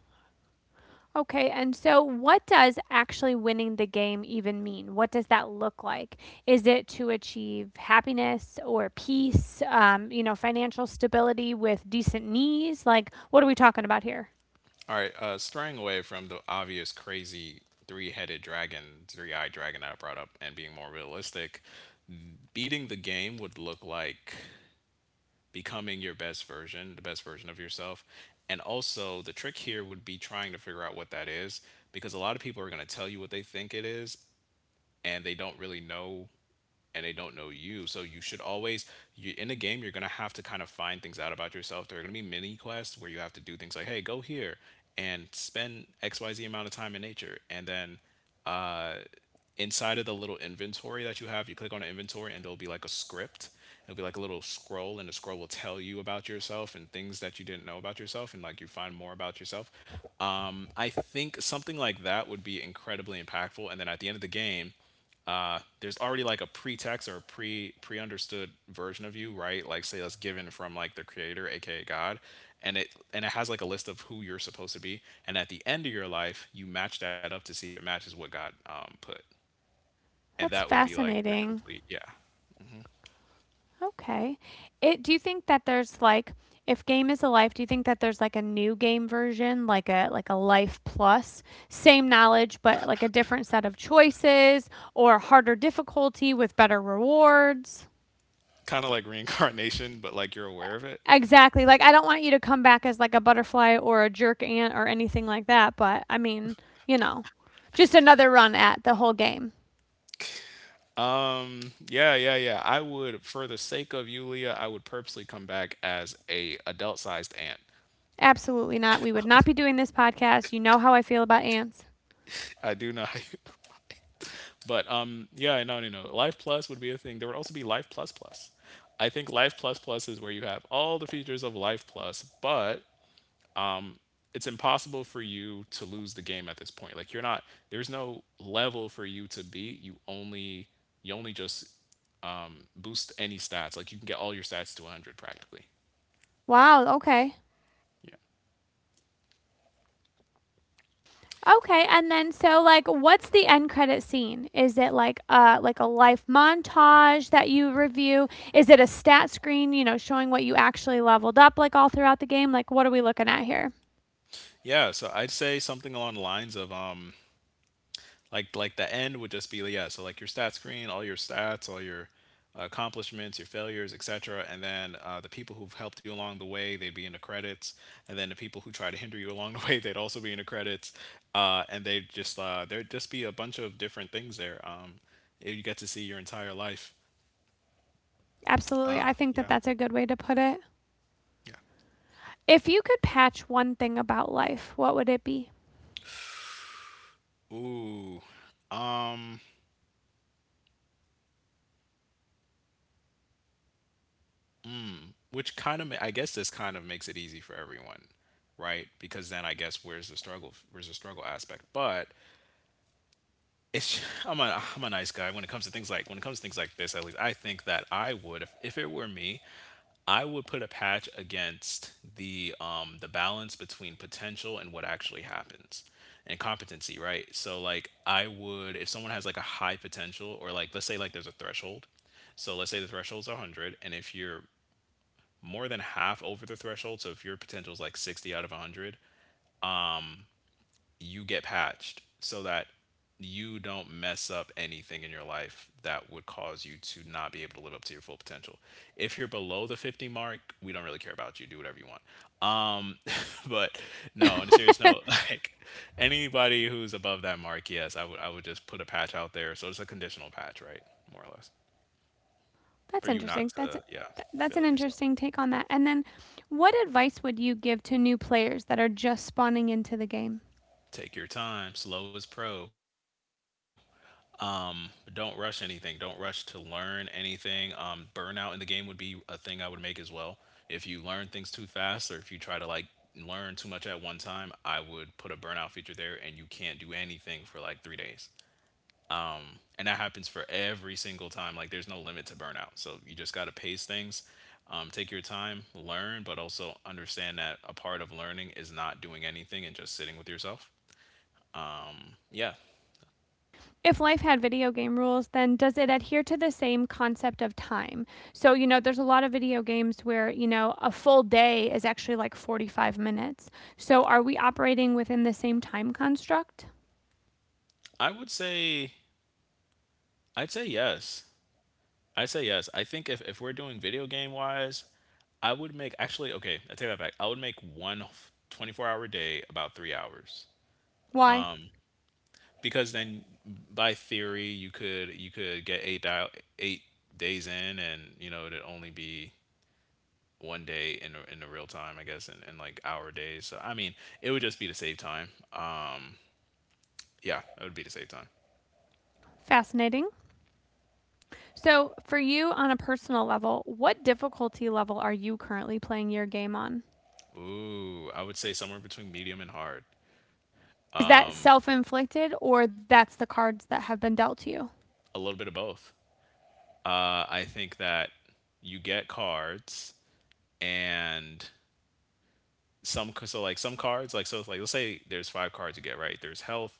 Speaker 1: Okay, and so what does actually winning the game even mean? What does that look like? Is it to achieve happiness or peace, you know, financial stability with decent knees? Like, what are we talking about here?
Speaker 2: All right, straying away from the obvious crazy three-headed dragon, three-eyed dragon I brought up, and being more realistic, beating the game would look like becoming your best version, the best version of yourself. And also, the trick here would be trying to figure out what that is, because a lot of people are going to tell you what they think it is, and they don't really know and they don't know you. So you should always you in a game you're gonna have to kind of find things out about yourself. There are gonna be mini quests where you have to do things like, hey, go here and spend XYZ amount of time in nature and then uh inside of the little inventory that you have, you click on an inventory and there'll be like a script. It'll be like a little scroll, and the scroll will tell you about yourself and things that you didn't know about yourself, and like you find more about yourself. I think something like that would be incredibly impactful. And then at the end of the game, there's already like a pretext or a pre understood version of you, right? Like say that's given from like the creator, aka God, and it has like a list of who you're supposed to be. And at the end of your life, you match that up to see if it matches what God put, and
Speaker 1: That's
Speaker 2: that would be like your
Speaker 1: fascinating.
Speaker 2: complete yeah.
Speaker 1: Okay. It, do you think that there's like, if game is a life, do you think that there's like a new game version, like a life plus, same knowledge but like a different set of choices, or harder difficulty with better rewards?
Speaker 2: Kind of like reincarnation, but like you're aware of it.
Speaker 1: Exactly, like, I don't want you to come back as, like, a butterfly or a jerk ant or anything like that, but, I mean, you know, just another run at the whole game.
Speaker 2: Yeah, I would, for the sake of Yulia, I would purposely come back as a adult sized ant.
Speaker 1: Absolutely not, we would not be doing this podcast, you know how I feel about ants.
Speaker 2: I do not, but yeah. No, no, no, life plus would be a thing. There would also be life plus plus. I think life plus plus is where you have all the features of life plus, but it's impossible for you to lose the game at this point. Like you're not, there's no level for you to beat. You only, you only just boost any stats. Like you can get all your stats to 100 practically.
Speaker 1: Wow, okay.
Speaker 2: Yeah.
Speaker 1: Okay, and then so, like, what's the end credit scene? Is it, like, a life montage that you review? Is it a stat screen, you know, showing what you actually leveled up, like, all throughout the game? Like, what are we looking at here?
Speaker 2: Yeah. So I'd say something along the lines of like the end would just be yeah. So like your stat screen, all your stats, all your accomplishments, your failures, etc. And then the people who've helped you along the way, they'd be in the credits. And then the people who try to hinder you along the way, they'd also be in the credits. And they'd just there'd just be a bunch of different things there. You get to see your entire life.
Speaker 1: Absolutely, I think that
Speaker 2: Yeah.
Speaker 1: that's a good way to put it.
Speaker 2: Yeah.
Speaker 1: If you could patch one thing about life, what would it be?
Speaker 2: Ooh. Um. Which kind of, I guess this kind of makes it easy for everyone, right? Because then I guess where's the struggle? Where's the struggle aspect? But it's I'm a nice guy when it comes to things like this. At least I think that I would. If it were me, I would put a patch against the balance between potential and what actually happens and competency, right? So like I would, if someone has like a high potential, or like let's say like there's a threshold, so let's say the threshold's 100, and if you're more than half over the threshold, so if your potential is like 60 out of 100, you get patched so that you don't mess up anything in your life that would cause you to not be able to live up to your full potential. If you're below the 50 mark, we don't really care about you. Do whatever you want. Um, but no, on a serious note, like anybody who's above that mark, yes, I would just put a patch out there. So it's a conditional patch, right? More or less.
Speaker 1: That's
Speaker 2: For you not
Speaker 1: interesting.
Speaker 2: to, yeah,
Speaker 1: That's an
Speaker 2: fail yourself.
Speaker 1: interesting take on that. And then what advice would you give to new players that are just spawning into the game?
Speaker 2: Take your time. Slow is pro. Don't rush anything. Don't rush to learn anything. Burnout in the game would be a thing I would make as well. If you learn things too fast, or if you try to like learn too much at one time, I would put a burnout feature there, and you can't do anything for like 3 days. And that happens for every single time. Like there's no limit to burnout, so you just gotta pace things. Take your time, learn, but also understand that a part of learning is not doing anything and just sitting with yourself. Yeah,
Speaker 1: If life had video game rules, then does it adhere to the same concept of time? So, you know, there's a lot of video games where, you know, a full day is actually like 45 minutes. So, are we operating within the same time construct?
Speaker 2: I would say, I'd say yes. I say yes. I think if we're doing video game wise, I would make, actually okay, I take that back. I would make one 24-hour day about 3 hours,
Speaker 1: Why?
Speaker 2: because then by theory you could, you could get eight dial, 8 days in, and you know it'd only be one day in the real time I guess, and like hour days. So I mean it would just be to save time. Yeah, it would be to save time.
Speaker 1: Fascinating. So, for you on a personal level, what difficulty level are you currently playing your game on?
Speaker 2: Ooh, I would say somewhere between medium and hard.
Speaker 1: Is that self inflicted, or that's the cards that have been dealt to you?
Speaker 2: A little bit of both. I think that you get cards, and some, so like some cards, like so it's like let's say there's five cards you get, right? There's health,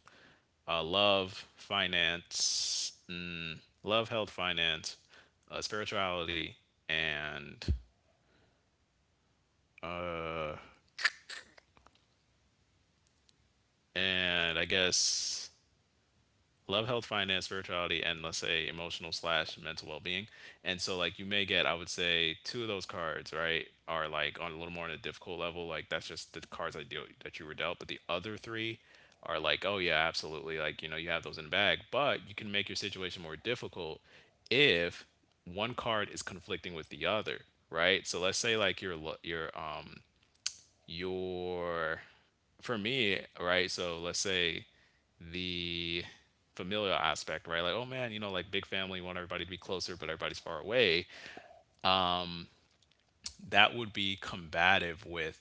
Speaker 2: love, finance, love, health, finance, spirituality, and uh and, I guess, love, health, finance, spirituality, and let's say emotional slash mental well-being. And so like you may get, I would say, two of those cards, right, are like on a little more on a difficult level, like that's just the cards I deal, that you were dealt. But the other three are like, oh yeah, absolutely, like you know, you have those in the bag. But you can make your situation more difficult if one card is conflicting with the other, right? So let's say like your lo-, your for me, right? So let's say the familial aspect, right? Like, oh man, you know, like big family, you want everybody to be closer, but everybody's far away. That would be combative with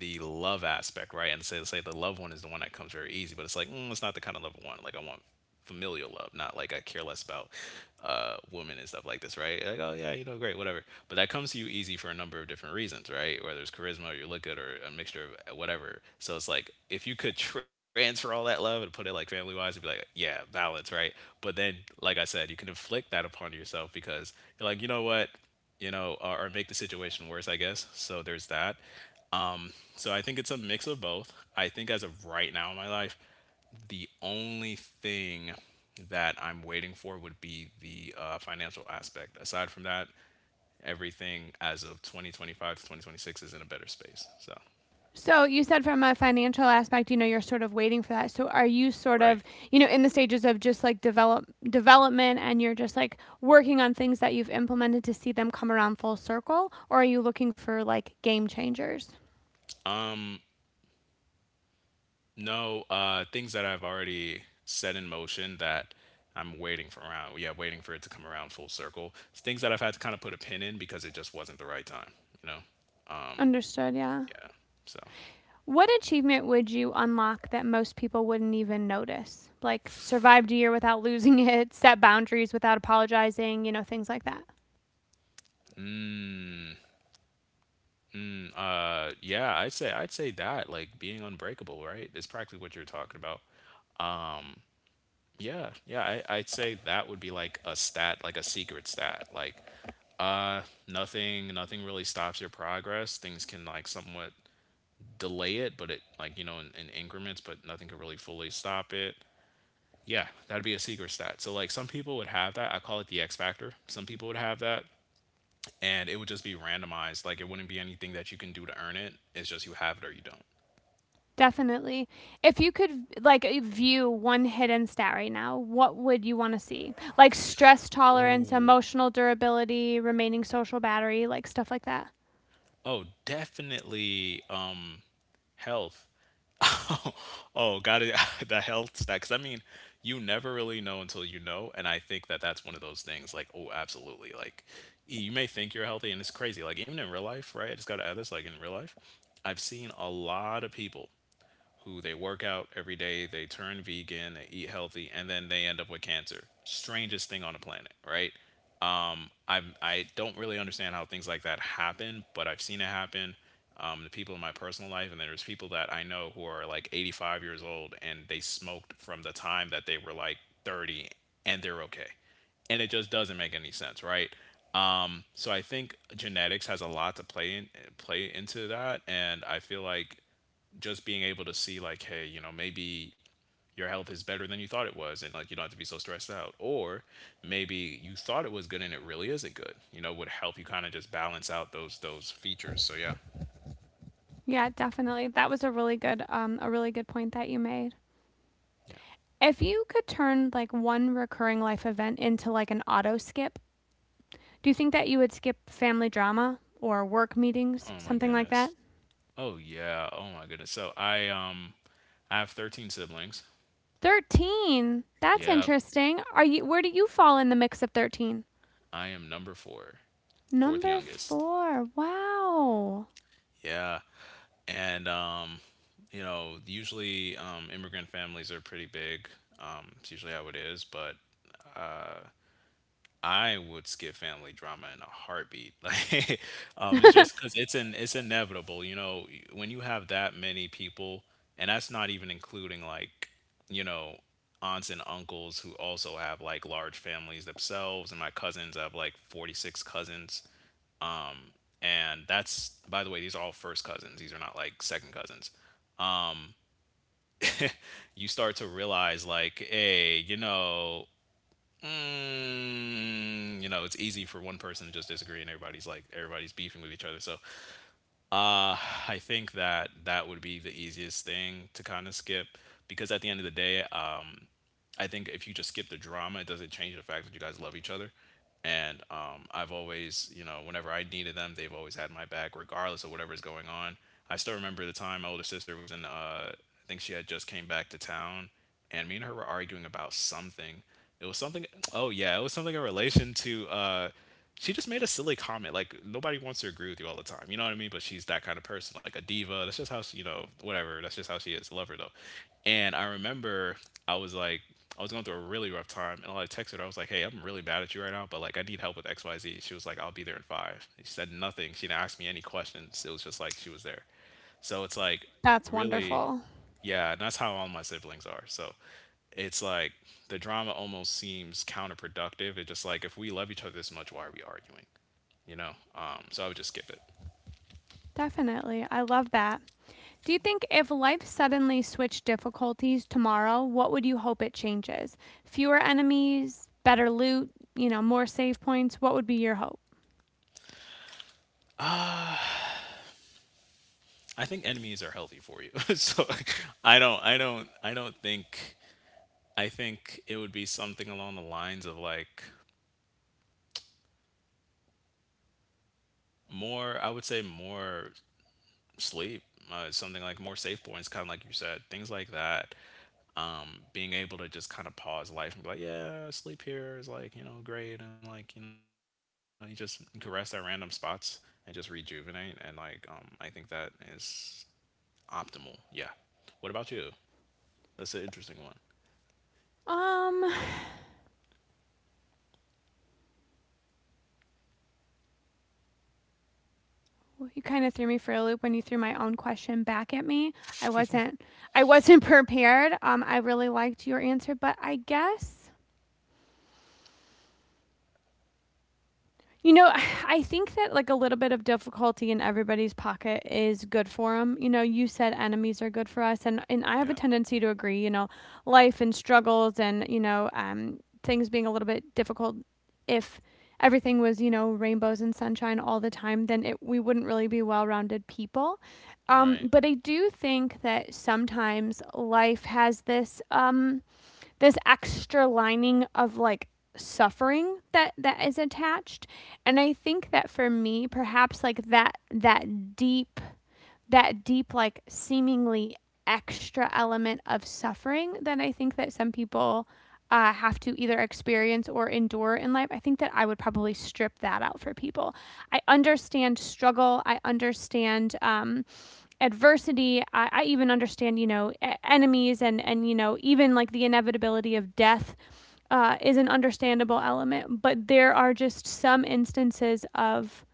Speaker 2: the love aspect, right? And say the love one is the one that comes very easy, but it's like it's not the kind of love one. Like I want familial love, not like, I care less about women and stuff like this, right? Like oh yeah, you know, great, whatever. But that comes to you easy for a number of different reasons, right? Whether it's charisma or you look good or a mixture of whatever. So it's like if you could transfer all that love and put it like family wise, it'd be like yeah, balance, right? But then like I said, you can inflict that upon yourself, because you're like, you know what, you know, or make the situation worse, I guess. So there's that. So I think it's a mix of both. I think as of right now in my life, the only thing that I'm waiting for would be the financial aspect. Aside from that, everything as of 2025 to 2026 is in a better space. So,
Speaker 1: So, you said from a financial aspect, you know, you're sort of waiting for that. So, are you sort
Speaker 2: right.
Speaker 1: of, you know, in the stages of just like development and you're just like working on things that you've implemented to see them come around full circle, or are you looking for like game changers?
Speaker 2: No, things that I've already set in motion that I'm waiting for around. Yeah, waiting for it to come around full circle. It's things that I've had to kind of put a pin in because it just wasn't the right time. You know.
Speaker 1: Understood, yeah.
Speaker 2: Yeah. So.
Speaker 1: What achievement would you unlock that most people wouldn't even notice? Like, survived a year without losing it, set boundaries without apologizing, you know, things like that.
Speaker 2: Yeah. I'd say, I'd say that, like being unbreakable, right, is practically what you're talking about. Yeah. Yeah. I'd say that would be like a stat, like a secret stat, like, Uh. nothing, nothing really stops your progress. Things can like somewhat delay it, but it, like you know, in increments, but nothing could really fully stop it. Yeah, that'd be a secret stat. So like some people would have that, I call it the X factor. Some people would have that, and it would just be randomized. Like it wouldn't be anything that you can do to earn it. It's just you have it or you don't.
Speaker 1: Definitely. If you could view one hidden stat right now, what would you want to see? Like stress tolerance,
Speaker 2: Oh,
Speaker 1: emotional durability, remaining social battery, like stuff like that.
Speaker 2: oh, definitely. Health. Oh, oh, got it. the health stacks. I mean, you never really know until you know, and I think that that's one of those things. Like, oh, absolutely. Like, you may think you're healthy, and it's crazy. Like, even in real life, right? I just gotta add this. Like in real life, I've seen a lot of people who, they work out every day, they turn vegan, they eat healthy, and then they end up with cancer. Strangest thing on the planet, right? I don't really understand how things like that happen, but I've seen it happen. The people in my personal life, and there's people that I know who are like 85 years old and they smoked from the time that they were like 30, and they're okay, and it just doesn't make any sense, right? So I think genetics has a lot to play in, play into that, and I feel like just being able to see like, hey, you know, maybe your health is better than you thought it was and like you don't have to be so stressed out, or maybe you thought it was good and it really isn't good, you know, would help you kind of just balance out those features, so yeah.
Speaker 1: Yeah, definitely. That was a really good point that you made.
Speaker 2: Yeah.
Speaker 1: If you could turn like one recurring life event into like an auto skip, do you think that you would skip family drama or work meetings,
Speaker 2: Oh my
Speaker 1: something like that?
Speaker 2: goodness. Oh yeah, oh my goodness. So I have 13 siblings.
Speaker 1: 13. That's
Speaker 2: Yep,
Speaker 1: interesting. Are you where do you fall in the mix of 13?
Speaker 2: I am number four, fourth
Speaker 1: Number
Speaker 2: youngest.
Speaker 1: 4. Wow.
Speaker 2: Yeah. And you know, usually immigrant families are pretty big. It's usually how it is, but I would skip family drama in a heartbeat. Like, it's just because it's, in it's inevitable. You know, when you have that many people, and that's not even including like, you know, aunts and uncles who also have like large families themselves, and my cousins, I have like 46 cousins, and that's, by the way, these are all first cousins. These are not like second cousins. You start to realize like, hey, you know, you know, it's easy for one person to just disagree and everybody's beefing with each other. So, uh, I think that that would be the easiest thing to kind of skip, because at the end of the day, I think if you just skip the drama, it doesn't change the fact that you guys love each other. And I've always, you know, whenever I needed them, they've always had my back, regardless of whatever's going on. I still remember the time my older sister was in. I think she had just came back to town, and me and her were arguing about something. It was something. Oh yeah, it was something in relation to. She just made a silly comment like, nobody wants to agree with you all the time, you know what I mean? But she's that kind of person, like a diva. That's just how she, you know, whatever, that's just how she is. Love her though. And I remember i was like I was going through a really rough time, and I texted her. I was like, hey, I'm really mad at you right now, but like, I need help with XYZ. She was like, I'll be there in five. She said nothing. She didn't ask me any questions. It was just like she was there. So it's like,
Speaker 1: That's
Speaker 2: really?
Speaker 1: wonderful.
Speaker 2: Yeah, and that's how all my siblings are. So it's like the drama almost seems counterproductive. It's just like, if we love each other this much, why are we arguing? You know? So I would just skip it.
Speaker 1: Definitely. I love that. Do you think if life suddenly switched difficulties tomorrow, what would you hope it changes? Fewer enemies, better loot, you know, more save points. What would be your hope?
Speaker 2: I think enemies are healthy for you. So I don't think I think it would be something along the lines of like, more, I would say, more sleep. Something like more safe points, kind of like you said, things like that. Being able to just kind of pause life and be like, yeah, sleep here is, like, you know, great. And like, you know, you just you can rest at random spots and just rejuvenate. And like, I think that is optimal. Yeah. What about you? That's an interesting one.
Speaker 1: Um, Well, you kind of threw me for a loop when you threw my own question back at me. I wasn't I wasn't prepared. I really liked your answer, but I guess, you know, I think that, like, a little bit of difficulty in everybody's pocket is good for them. You know, you said enemies are good for us, and I have a
Speaker 2: Yeah.
Speaker 1: tendency to agree. You know, life and struggles, and, you know, things being a little bit difficult. If everything was, you know, rainbows and sunshine all the time, then it we wouldn't really be well-rounded people.
Speaker 2: Right.
Speaker 1: But I do think that sometimes life has this, this extra lining of like suffering that is attached. And I think that for me, perhaps, like that deep, that deep, like, seemingly extra element of suffering that I think that some people have to either experience or endure in life, I think that I would probably strip that out for people. I understand struggle, I understand, adversity. I even understand, you know, enemies, and, you know, even like the inevitability of death is an understandable element. But there are just some instances of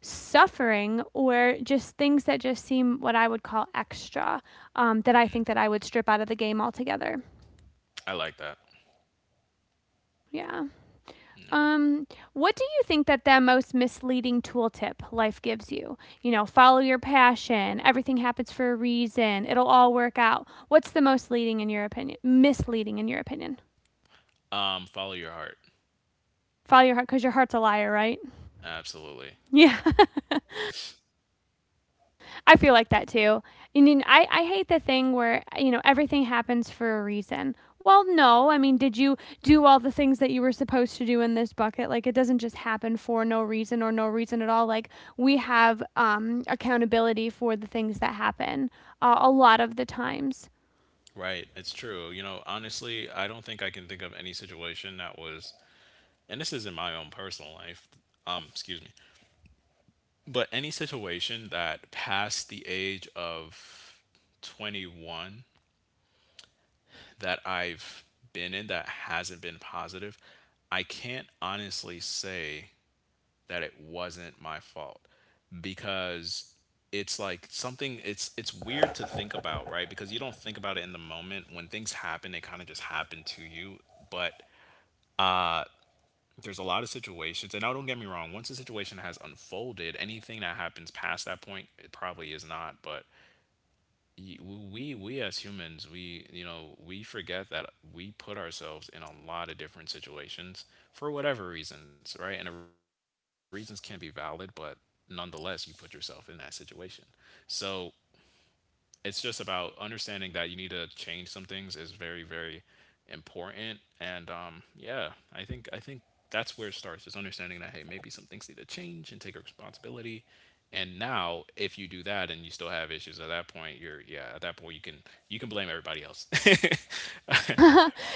Speaker 1: suffering or just things that just seem what I would call extra, that I think that I would strip out of the game altogether.
Speaker 2: I like that.
Speaker 1: Yeah.
Speaker 2: Yeah.
Speaker 1: Um, what do you think that most misleading tooltip life gives you? You know, follow your passion, everything happens for a reason, it'll all work out. What's the most leading in your opinion? Misleading in your opinion?
Speaker 2: Follow your heart.
Speaker 1: Follow your heart, because your heart's a liar, right?
Speaker 2: Absolutely.
Speaker 1: Yeah. I feel like that too. I mean, I hate the thing where, you know, everything happens for a reason. Well, no. I mean, did you do all the things that you were supposed to do in this bucket? Like, it doesn't just happen for no reason or no reason at all. Like, we have, accountability for the things that happen, a lot of the times.
Speaker 2: Right. It's true. You know, honestly, I don't think I can think of any situation that was, and this is in my own personal life. Excuse me. But any situation that past the age of 21 that I've been in that hasn't been positive, I can't honestly say that it wasn't my fault, because it's like something, it's weird to think about, right? Because you don't think about it in the moment. When things happen, they kind of just happen to you, but there's a lot of situations, and now don't get me wrong, once the situation has unfolded, anything that happens past that point, it probably is not. But y- we as humans, we, you know, we forget that we put ourselves in a lot of different situations for whatever reasons, right? And the reasons can be valid, but nonetheless, you put yourself in that situation. So it's just about understanding that you need to change some things is very, very important. And yeah, I think that's where it starts, is understanding that hey, maybe some things need to change and take responsibility. And now if you do that and you still have issues, at that point you're, yeah, at that point you can, you can blame everybody else.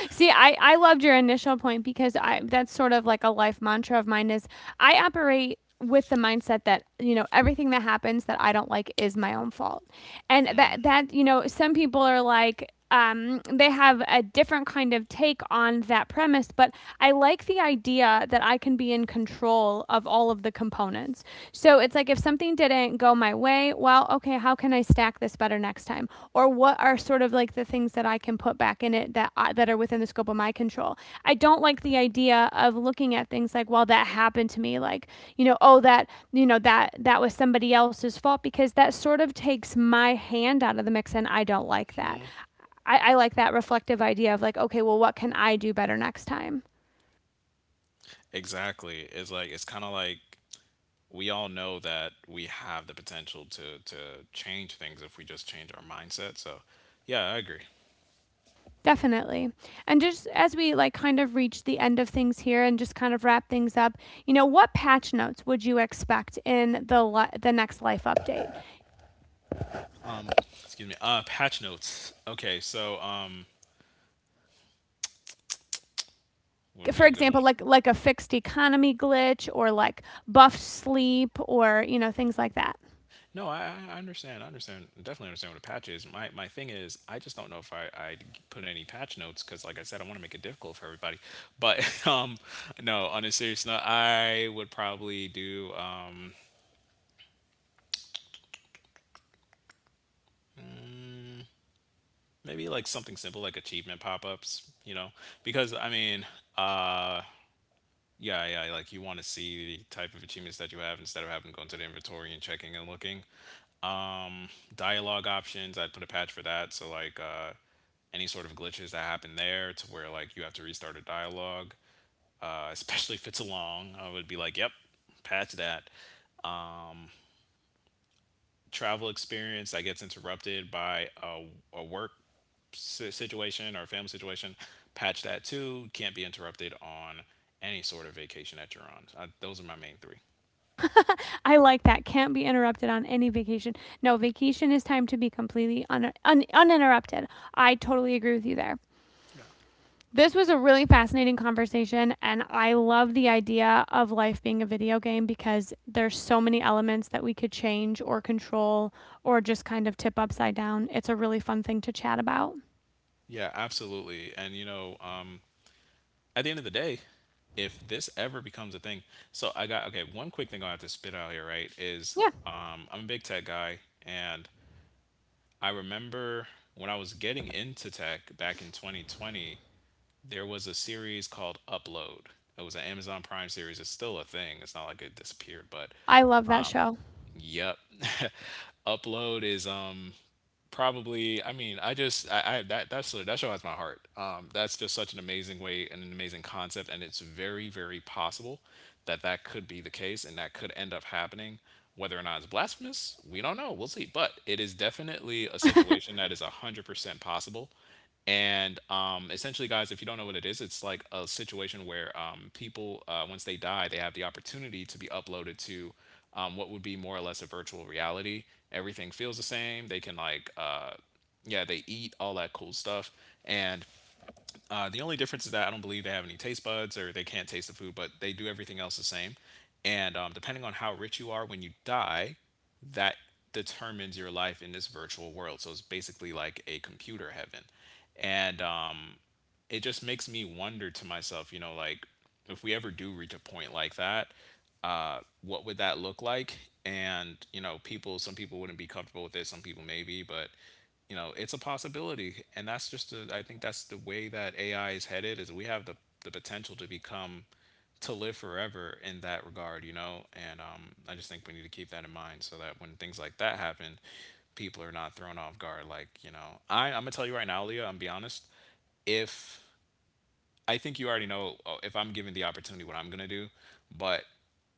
Speaker 1: See, I loved your initial point, because I, that's sort of like a life mantra of mine is I operate with the mindset that, you know, everything that happens that I don't like is my own fault. And that, that, you know, some people are like, they have a different kind of take on that premise, but I like the idea that I can be in control of all of the components. So it's like, if something didn't go my way, well, okay, how can I stack this better next time? Or what are sort of like the things that I can put back in it that I, that are within the scope of my control? I don't like the idea of looking at things like, well, that happened to me, like, you know, oh, that, you know, that that was somebody else's fault, because that sort of takes my hand out of the mix, and I don't like that. I like that reflective idea of like, okay, well, what can I do better next time?
Speaker 2: Exactly. It's like, it's kind of like, we all know that we have the potential to change things if we just change our mindset. So yeah, I agree.
Speaker 1: Definitely. And just as we like kind of reach the end of things here and just kind of wrap things up, you know, what patch notes would you expect in the the next life update?
Speaker 2: Excuse me. Patch notes. Okay, so what would be
Speaker 1: For
Speaker 2: a good one?
Speaker 1: example, like, a fixed economy glitch, or like buffed sleep, or, you know, things like that.
Speaker 2: No, I, I understand. I understand. Definitely understand what a patch is. My thing is, I just don't know if I put any patch notes, because like I said, I want to make it difficult for everybody. But no, on a serious note, I would probably do maybe like something simple, like achievement pop ups. You know, because I mean, uh, yeah, yeah, like you want to see the type of achievements that you have instead of having to go into the inventory and checking and looking. Dialogue options. I'd put a patch for that. So like, any sort of glitches that happen there to where like you have to restart a dialogue, especially if it's long, I would be like, yep, patch that. Travel experience that gets interrupted by a work situation or family situation, patch that too. Can't be interrupted on any sort of vacation that you're on. Those are my main three.
Speaker 1: I like that. Can't be interrupted on any vacation. No, vacation is time to be completely uninterrupted. I totally agree with you there.
Speaker 2: Yeah.
Speaker 1: This was a really fascinating conversation, and I love the idea of life being a video game, because there's so many elements that we could change or control or just kind of tip upside down. It's a really fun thing to chat about.
Speaker 2: Yeah, absolutely. And you know, at the end of the day, if this ever becomes a thing, so I got, okay, one quick thing I have to spit out here, right? Is
Speaker 1: Yeah.
Speaker 2: I'm a big tech guy, and I remember when I was getting into tech back in 2020, there was a series called Upload. It was an Amazon Prime series. It's still a thing. It's not like it disappeared, but
Speaker 1: I love that show.
Speaker 2: yep. Upload is probably, I mean, I, that show has my heart. That's just such an amazing way and an amazing concept, and it's very, very possible that that could be the case and that could end up happening. Whether or not it's blasphemous, we don't know, we'll see, but it is definitely a situation that is 100% possible. And essentially, guys, if you don't know what it is, it's like a situation where, people, once they die, they have the opportunity to be uploaded to what would be more or less a virtual reality. Everything feels the same. They can, like, yeah, they eat all that cool stuff. And the only difference is that I don't believe they have any taste buds, or they can't taste the food, but they do everything else the same. And depending on how rich you are when you die, that determines your life in this virtual world. So it's basically like a computer heaven. And it just makes me wonder to myself, you know, like, if we ever do reach a point like that, uh, what would that look like? And you know, people, some people wouldn't be comfortable with it, some people maybe, but you know, it's a possibility. And that's just, the I think that's the way that AI is headed. Is we have the potential to become, to live forever in that regard, you know. And I just think we need to keep that in mind so that when things like that happen, people are not thrown off guard. Like, you know, I'm gonna tell you right now, Leah, I'm gonna be honest. If, I think you already know, if I'm given the opportunity what I'm gonna do, but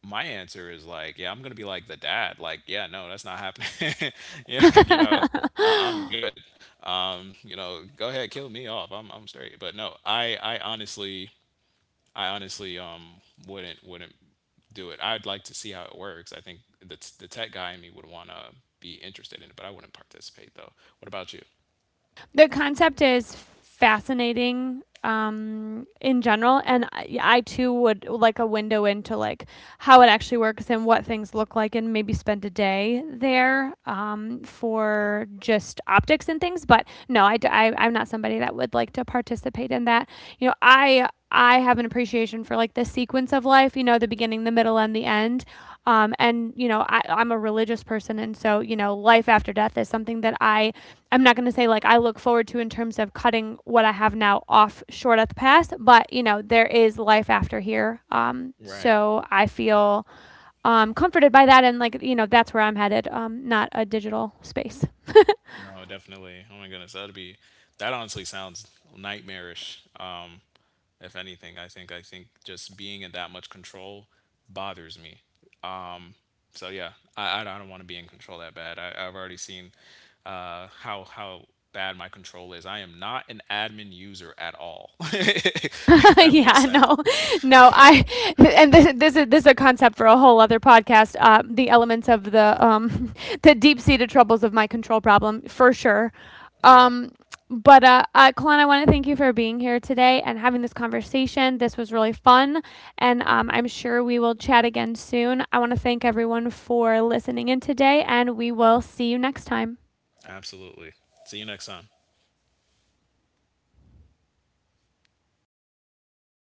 Speaker 2: my answer is like, yeah, I'm gonna be like the dad. Like, yeah, no, that's not happening. Yeah, like, you know, I'm good. You know, go ahead, kill me off. I'm straight. But no, I honestly, I honestly wouldn't do it. I'd like to see how it works. I think the the tech guy in me would wanna be interested in it, but I wouldn't participate though. What about you?
Speaker 1: The concept is fascinating, in general, and I too would like a window into like how it actually works and what things look like, and maybe spend a day there, for just optics and things. But no, I am not somebody that would like to participate in that. You know, I have an appreciation for like the sequence of life, you know, the beginning, the middle, and the end. And, you know, I'm a religious person, and so, you know, life after death is something that I'm not going to say like I look forward to in terms of cutting what I have now off short at the past, but, you know, there is life after here.
Speaker 2: Right.
Speaker 1: So I feel comforted by that, and, like, you know, that's where I'm headed. Not a digital space.
Speaker 2: No, definitely. Oh my goodness, that'd be, that honestly sounds nightmarish. If anything, I think just being in that much control bothers me. Um, so yeah, I don't want to be in control that bad. I've already seen how bad my control is. I am not an admin user at all. If that makes
Speaker 1: Yeah,
Speaker 2: sense.
Speaker 1: no, no. I And this this is a concept for a whole other podcast. The elements of the, the deep seated troubles of my control problem for sure.
Speaker 2: Yeah,
Speaker 1: Um, but Colin, I want to thank you for being here today and having this conversation. This was really fun, and I'm sure we will chat again soon. I want to thank everyone for listening in today, and we will see you next time.
Speaker 2: absolutely. See you next time.